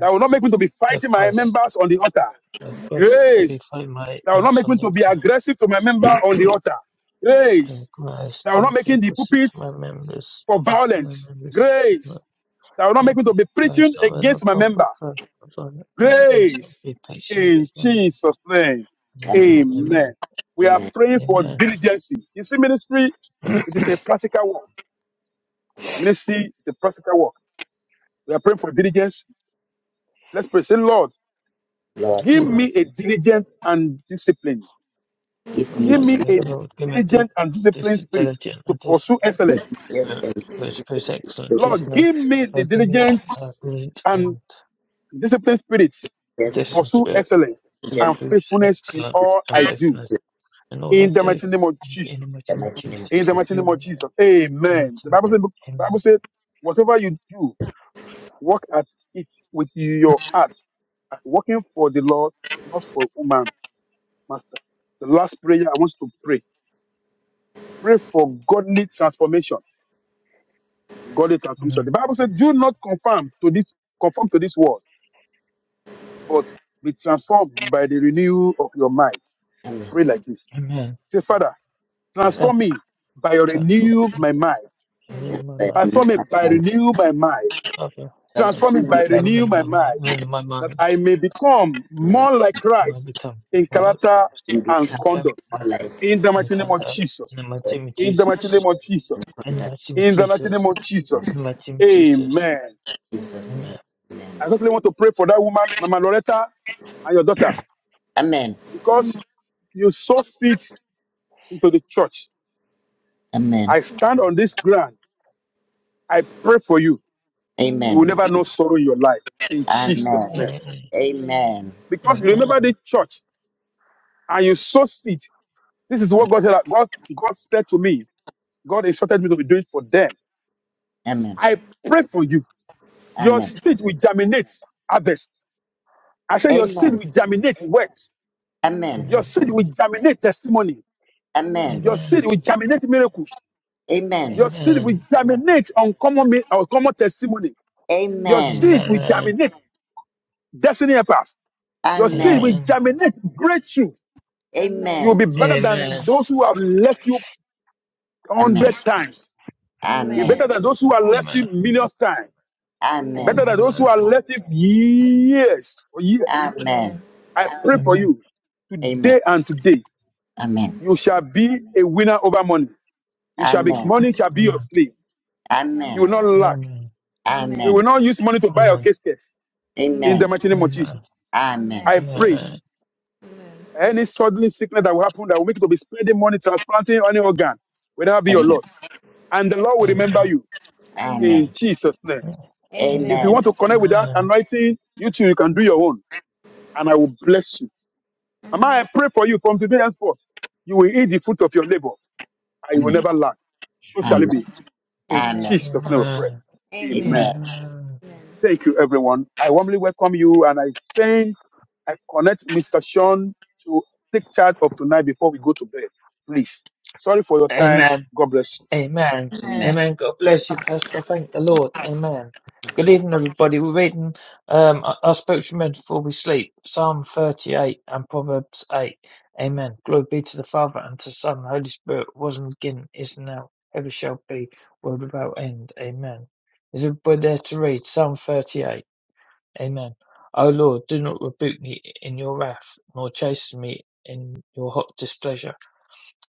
S4: that will not make me to be
S3: of
S4: fighting my
S3: grace.
S4: members on the altar.
S3: I request
S4: Grace
S3: notify my
S4: that will not
S3: members
S4: make
S3: on
S4: me
S3: the
S4: to be
S3: altar.
S4: aggressive to my member on the altar.
S3: I
S4: Grace
S3: request
S4: that
S3: to
S4: will not make
S3: notify
S4: the
S3: to
S4: pulpit
S3: my members.
S4: for
S3: To my
S4: violence.
S3: members. No,
S4: Grace that will not
S3: I
S4: make me to
S3: request
S4: be preaching
S3: not whether
S4: against my member.
S3: appropriate for for- I request not
S4: Grace
S3: be patient
S4: in
S3: with my
S4: Jesus' name.
S3: members.
S6: Amen.
S4: Amen.
S3: Amen.
S4: We are
S6: Amen.
S4: praying for
S3: Amen.
S4: diligence. You see, ministry, it is a practical work. Ministry is a practical work. We are praying for diligence. Let's pray. Say, Lord,
S6: Lord,
S4: give
S3: Lord,
S4: me a diligent and discipline.
S6: give me
S4: Give me a
S6: deliverance,
S3: Lord, give me this,
S4: diligent and
S3: this
S4: disciplined spirit
S3: diligent
S4: to
S3: and
S4: pursue
S3: disciplined
S4: excellence.
S6: give me deliverance
S3: spirit
S6: and
S3: for his excellent. In Jesus'
S4: Lord,
S3: name.
S4: give me the
S3: Lord, give me a
S4: diligence
S3: diligent
S4: and
S3: and
S4: disciplined spirit to
S6: deliverance
S3: disciplined
S4: pursue
S3: spirit
S4: excellence
S6: and
S3: to
S6: gender
S4: and
S6: in
S3: pursue
S4: faithfulness in
S3: excellence
S4: all
S3: and
S4: I do.
S3: faithfulness in all I
S4: In the
S3: do.
S4: mighty name of
S3: In the name
S4: Jesus.
S3: of
S6: the mighty name of
S3: Jesus.
S4: In the
S6: Jesus.
S4: mighty name
S3: Amen.
S4: of Jesus.
S3: Lord
S4: Amen. The
S3: Jesus.
S4: Bible says,
S3: Amen.
S4: Bible says whatever you do, work at it with your heart, as working for the Lord, not for woman, master. The last prayer I want you to pray. Pray for godly transformation godly transformation.
S3: Amen.
S4: The Bible said, "Do not conform to this conform to this world, but be transformed by the renewal of your mind."
S6: Amen.
S4: Pray like this:
S3: Amen.
S4: Say, Father,
S6: Father,
S4: transform
S3: Father,
S4: me by your
S3: transform
S4: renew
S3: me.
S4: my mind.
S3: Renew
S6: and
S3: my
S6: by
S3: mind.
S6: me, in
S4: Transform me
S6: my
S4: by
S6: mind,
S4: renew my mind.
S3: Father,
S4: Transform me
S6: transform
S3: transform
S6: me
S4: by
S3: me.
S6: by
S4: renew
S3: Renew
S4: my
S3: my mind.
S4: mind,
S3: Renew my
S4: that
S3: mind.
S4: I may become
S6: my mind
S4: more like
S3: I
S4: Christ
S3: become
S4: in
S3: more like
S4: character
S3: Christ.
S6: and
S4: and
S6: become
S3: In
S4: conduct.
S3: character.
S6: more like
S4: In the
S3: In
S4: mighty name of
S3: character. In
S4: Jesus.
S3: the
S6: the
S3: mighty name of
S4: In the mighty name
S3: Jesus.
S4: of Jesus.
S3: In the
S6: conduct
S3: mighty name of
S4: In the mighty name
S3: Jesus.
S4: of Jesus.
S3: In the mighty name of Jesus.
S4: Amen.
S6: in Jesus'
S3: Amen.
S6: name. Amen.
S4: I certainly want to pray for that woman, Mama Loretta, and your daughter,
S6: Amen.
S4: because you sow seed into the church.
S6: Amen.
S4: I stand on this ground. I pray for you. You will
S6: Amen.
S4: never know sorrow in your life in Jesus'
S6: Amen.
S4: name.
S3: Amen.
S6: Amen.
S4: Because you
S3: Amen.
S4: remember the church and you sow seed. This is what God said. God, God said to me. God instructed me to be doing for them.
S6: Amen.
S4: I pray for you. Your
S6: Amen. Amen.
S4: seed will germinate harvest. I said your seed
S6: Amen.
S4: will germinate wealth.
S6: Amen.
S4: Your
S3: Amen.
S4: seed will germinate testimony.
S6: Amen.
S4: Your seed
S3: Amen.
S4: will germinate miracles.
S6: Amen.
S4: Your seed will
S3: Amen.
S4: germinate on common, mi- on common testimony. Your
S6: Amen.
S4: seed
S3: Amen.
S4: will germinate destiny helpers. Your seed will
S6: Amen.
S3: Amen.
S4: germinate great you.
S6: Amen.
S4: You will
S6: Amen.
S4: be better than
S3: Amen.
S4: those who have left you hundred times.
S6: Amen.
S4: You're better
S6: Amen.
S4: than those who have left
S3: Amen.
S4: you millions times. You're
S6: Amen.
S4: better than those
S3: Amen.
S4: who have left you years or years.
S6: Amen.
S4: I pray for
S3: Amen.
S4: you today and today.
S6: Amen. Amen. Amen. Amen.
S4: You shall be a winner over money.
S6: Amen. Amen.
S4: You shall be
S6: Amen.
S4: money shall be your
S3: Amen.
S4: slave.
S6: Amen.
S4: You will not lack.
S3: Amen.
S4: They will
S6: Amen.
S4: not use money to buy your
S3: Amen.
S4: casket in the mighty name of
S3: Amen.
S4: Jesus. I pray any sudden sickness that will happen that will make you to be spending money transplanting any organ, whether it be your lot. And the Lord will remember
S3: Amen.
S4: you
S6: Amen.
S4: in Jesus' name.
S3: Amen.
S4: If you want to connect with that anointing, you too, you can do your own. And I will bless you. Mama, I pray for you from today henceforth. You will eat the fruit of your labor and you will never lack. So shall it
S6: Amen.
S4: be. In
S6: Amen.
S4: Jesus' name we pray.
S3: Amen. Amen.
S4: Amen.
S3: Amen.
S4: Thank you, everyone. I warmly welcome you, and I send, I connect Mr. Sean to take charge of tonight before we go to bed. Please. Sorry for your time.
S3: Amen.
S4: God bless you.
S3: Amen.
S6: Amen.
S3: Amen. God bless you, Pastor. Thank the Lord. Amen. Good evening, everybody. We're reading um, our our spiritual men before we sleep, Psalm 38 and Proverbs 8. Amen. Glory be to the Father and to the Son, and the Holy Spirit, was and beginning, is now, ever shall be, world without end. Amen. Is everybody there to read Psalm 38? Amen. O Lord, do not rebuke me in your wrath, nor chasten me in your hot displeasure.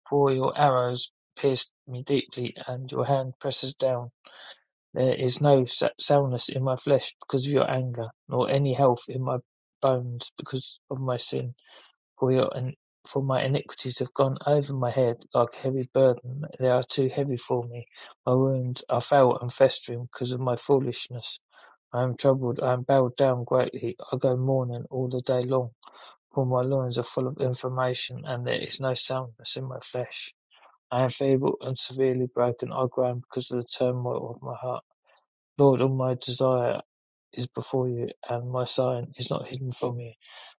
S3: For your arrows pierced me deeply, and your hand presses down. There is no soundness in my flesh because of your anger, nor any health in my bones because of my sin. For your in- for my iniquities have gone over my head like a heavy burden. They are too heavy for me. My wounds are foul and festering because of my foolishness. I am troubled. I am bowed down greatly. I go mourning all the day long. For my loins are full of information, and there is no soundness in my flesh. I am feeble and severely broken. I groan because of the turmoil of my heart. Lord, all my desire is before you, and my sighing is not hidden from you.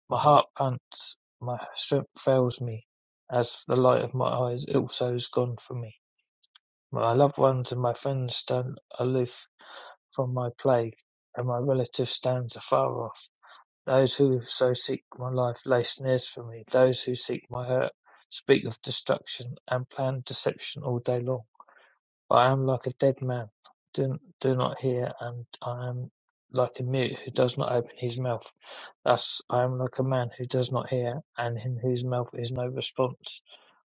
S3: My heart pants, my strength fails me. As the light of my eyes also is gone from me. My loved ones and my friends stand aloof from my plague, and my relative stands afar off. Those who so seek my life lay snares for me. Those who seek my hurt speak of destruction and plan deception all day long. I am like a dead man, do do not hear, and I am like a mute who does not open his mouth. Thus I am like a man who does not hear, and in whose mouth is no response.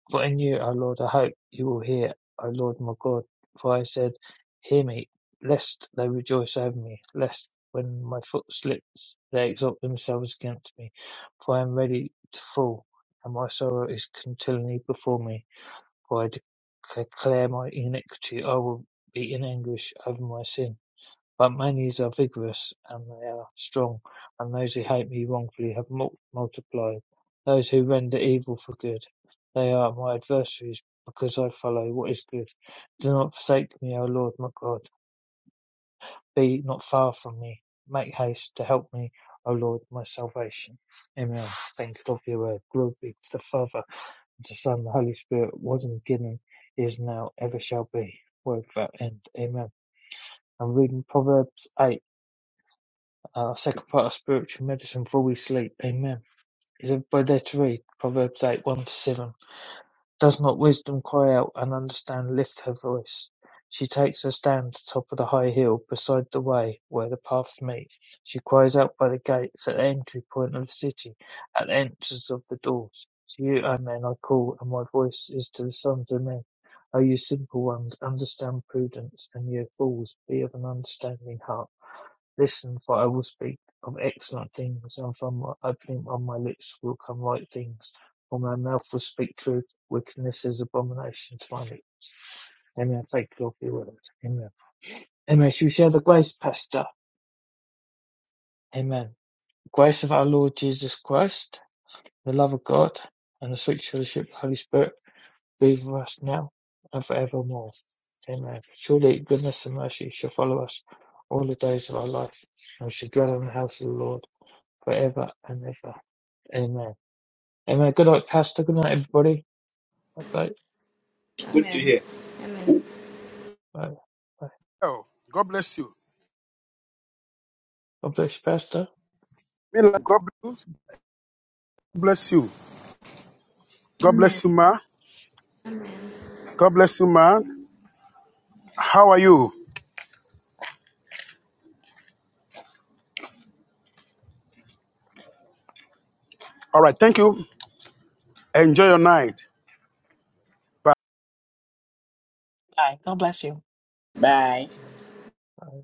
S3: For in you, O Lord, I hope you will hear, O Lord my God. For I said, Hear me, lest they rejoice over me, lest when my foot slips they exalt themselves against me. For I am ready to fall, and my sorrow is continually before me. God declare my iniquity, I will be in anguish over my sin. But my knees are vigorous and they are strong, and those who hate me wrongfully have multiplied. Those who render evil for good, they are my adversaries, because I follow what is good. Do not forsake me, O Lord my God. Be not far from me. Make haste to help me, O Lord, my salvation. Amen. Thank God for your word. Glory be to the Father the Son, the Holy Spirit, was in the beginning, is now, ever shall be, world without end. Amen. I'm reading Proverbs 8, uh, second part of spiritual medicine before we sleep. Amen. Is everybody there to read? Proverbs 8, 1 to 7. Does not wisdom cry out, and understand lift her voice? She takes her stand atop of the high hill, beside the way where the paths meet. She cries out by the gates, at the entry point of the city, at the entrances of the doors. To you, O men, I call, and my voice is to the sons of men. O you simple ones, understand prudence, and you fools, be of an understanding heart. Listen, for I will speak of excellent things, and from my opening of my lips will come right things. For my mouth will speak truth, wickedness is abomination to my lips. Amen. Thank you, Lord, for your word. Amen. Amen. Shall we share the grace, Pastor? Amen. The grace of our Lord Jesus Christ, the love of God, and the sweet fellowship of the Holy Spirit be with us now and forevermore. Amen. Surely goodness and mercy shall follow us all the days of our life, and we shall dwell in the house of the Lord forever and ever. Amen. Amen. Good night, Pastor. Good night, everybody. Bye. Bye.
S6: Good to hear. Amen.
S3: Bye. Bye.
S4: Oh, God bless you.
S3: God bless you, Pastor.
S4: Mila, God bless you. God
S6: Amen.
S4: bless you, ma. God bless you, ma. How are you?
S1: Hi, God bless you.
S6: Bye.
S3: Bye.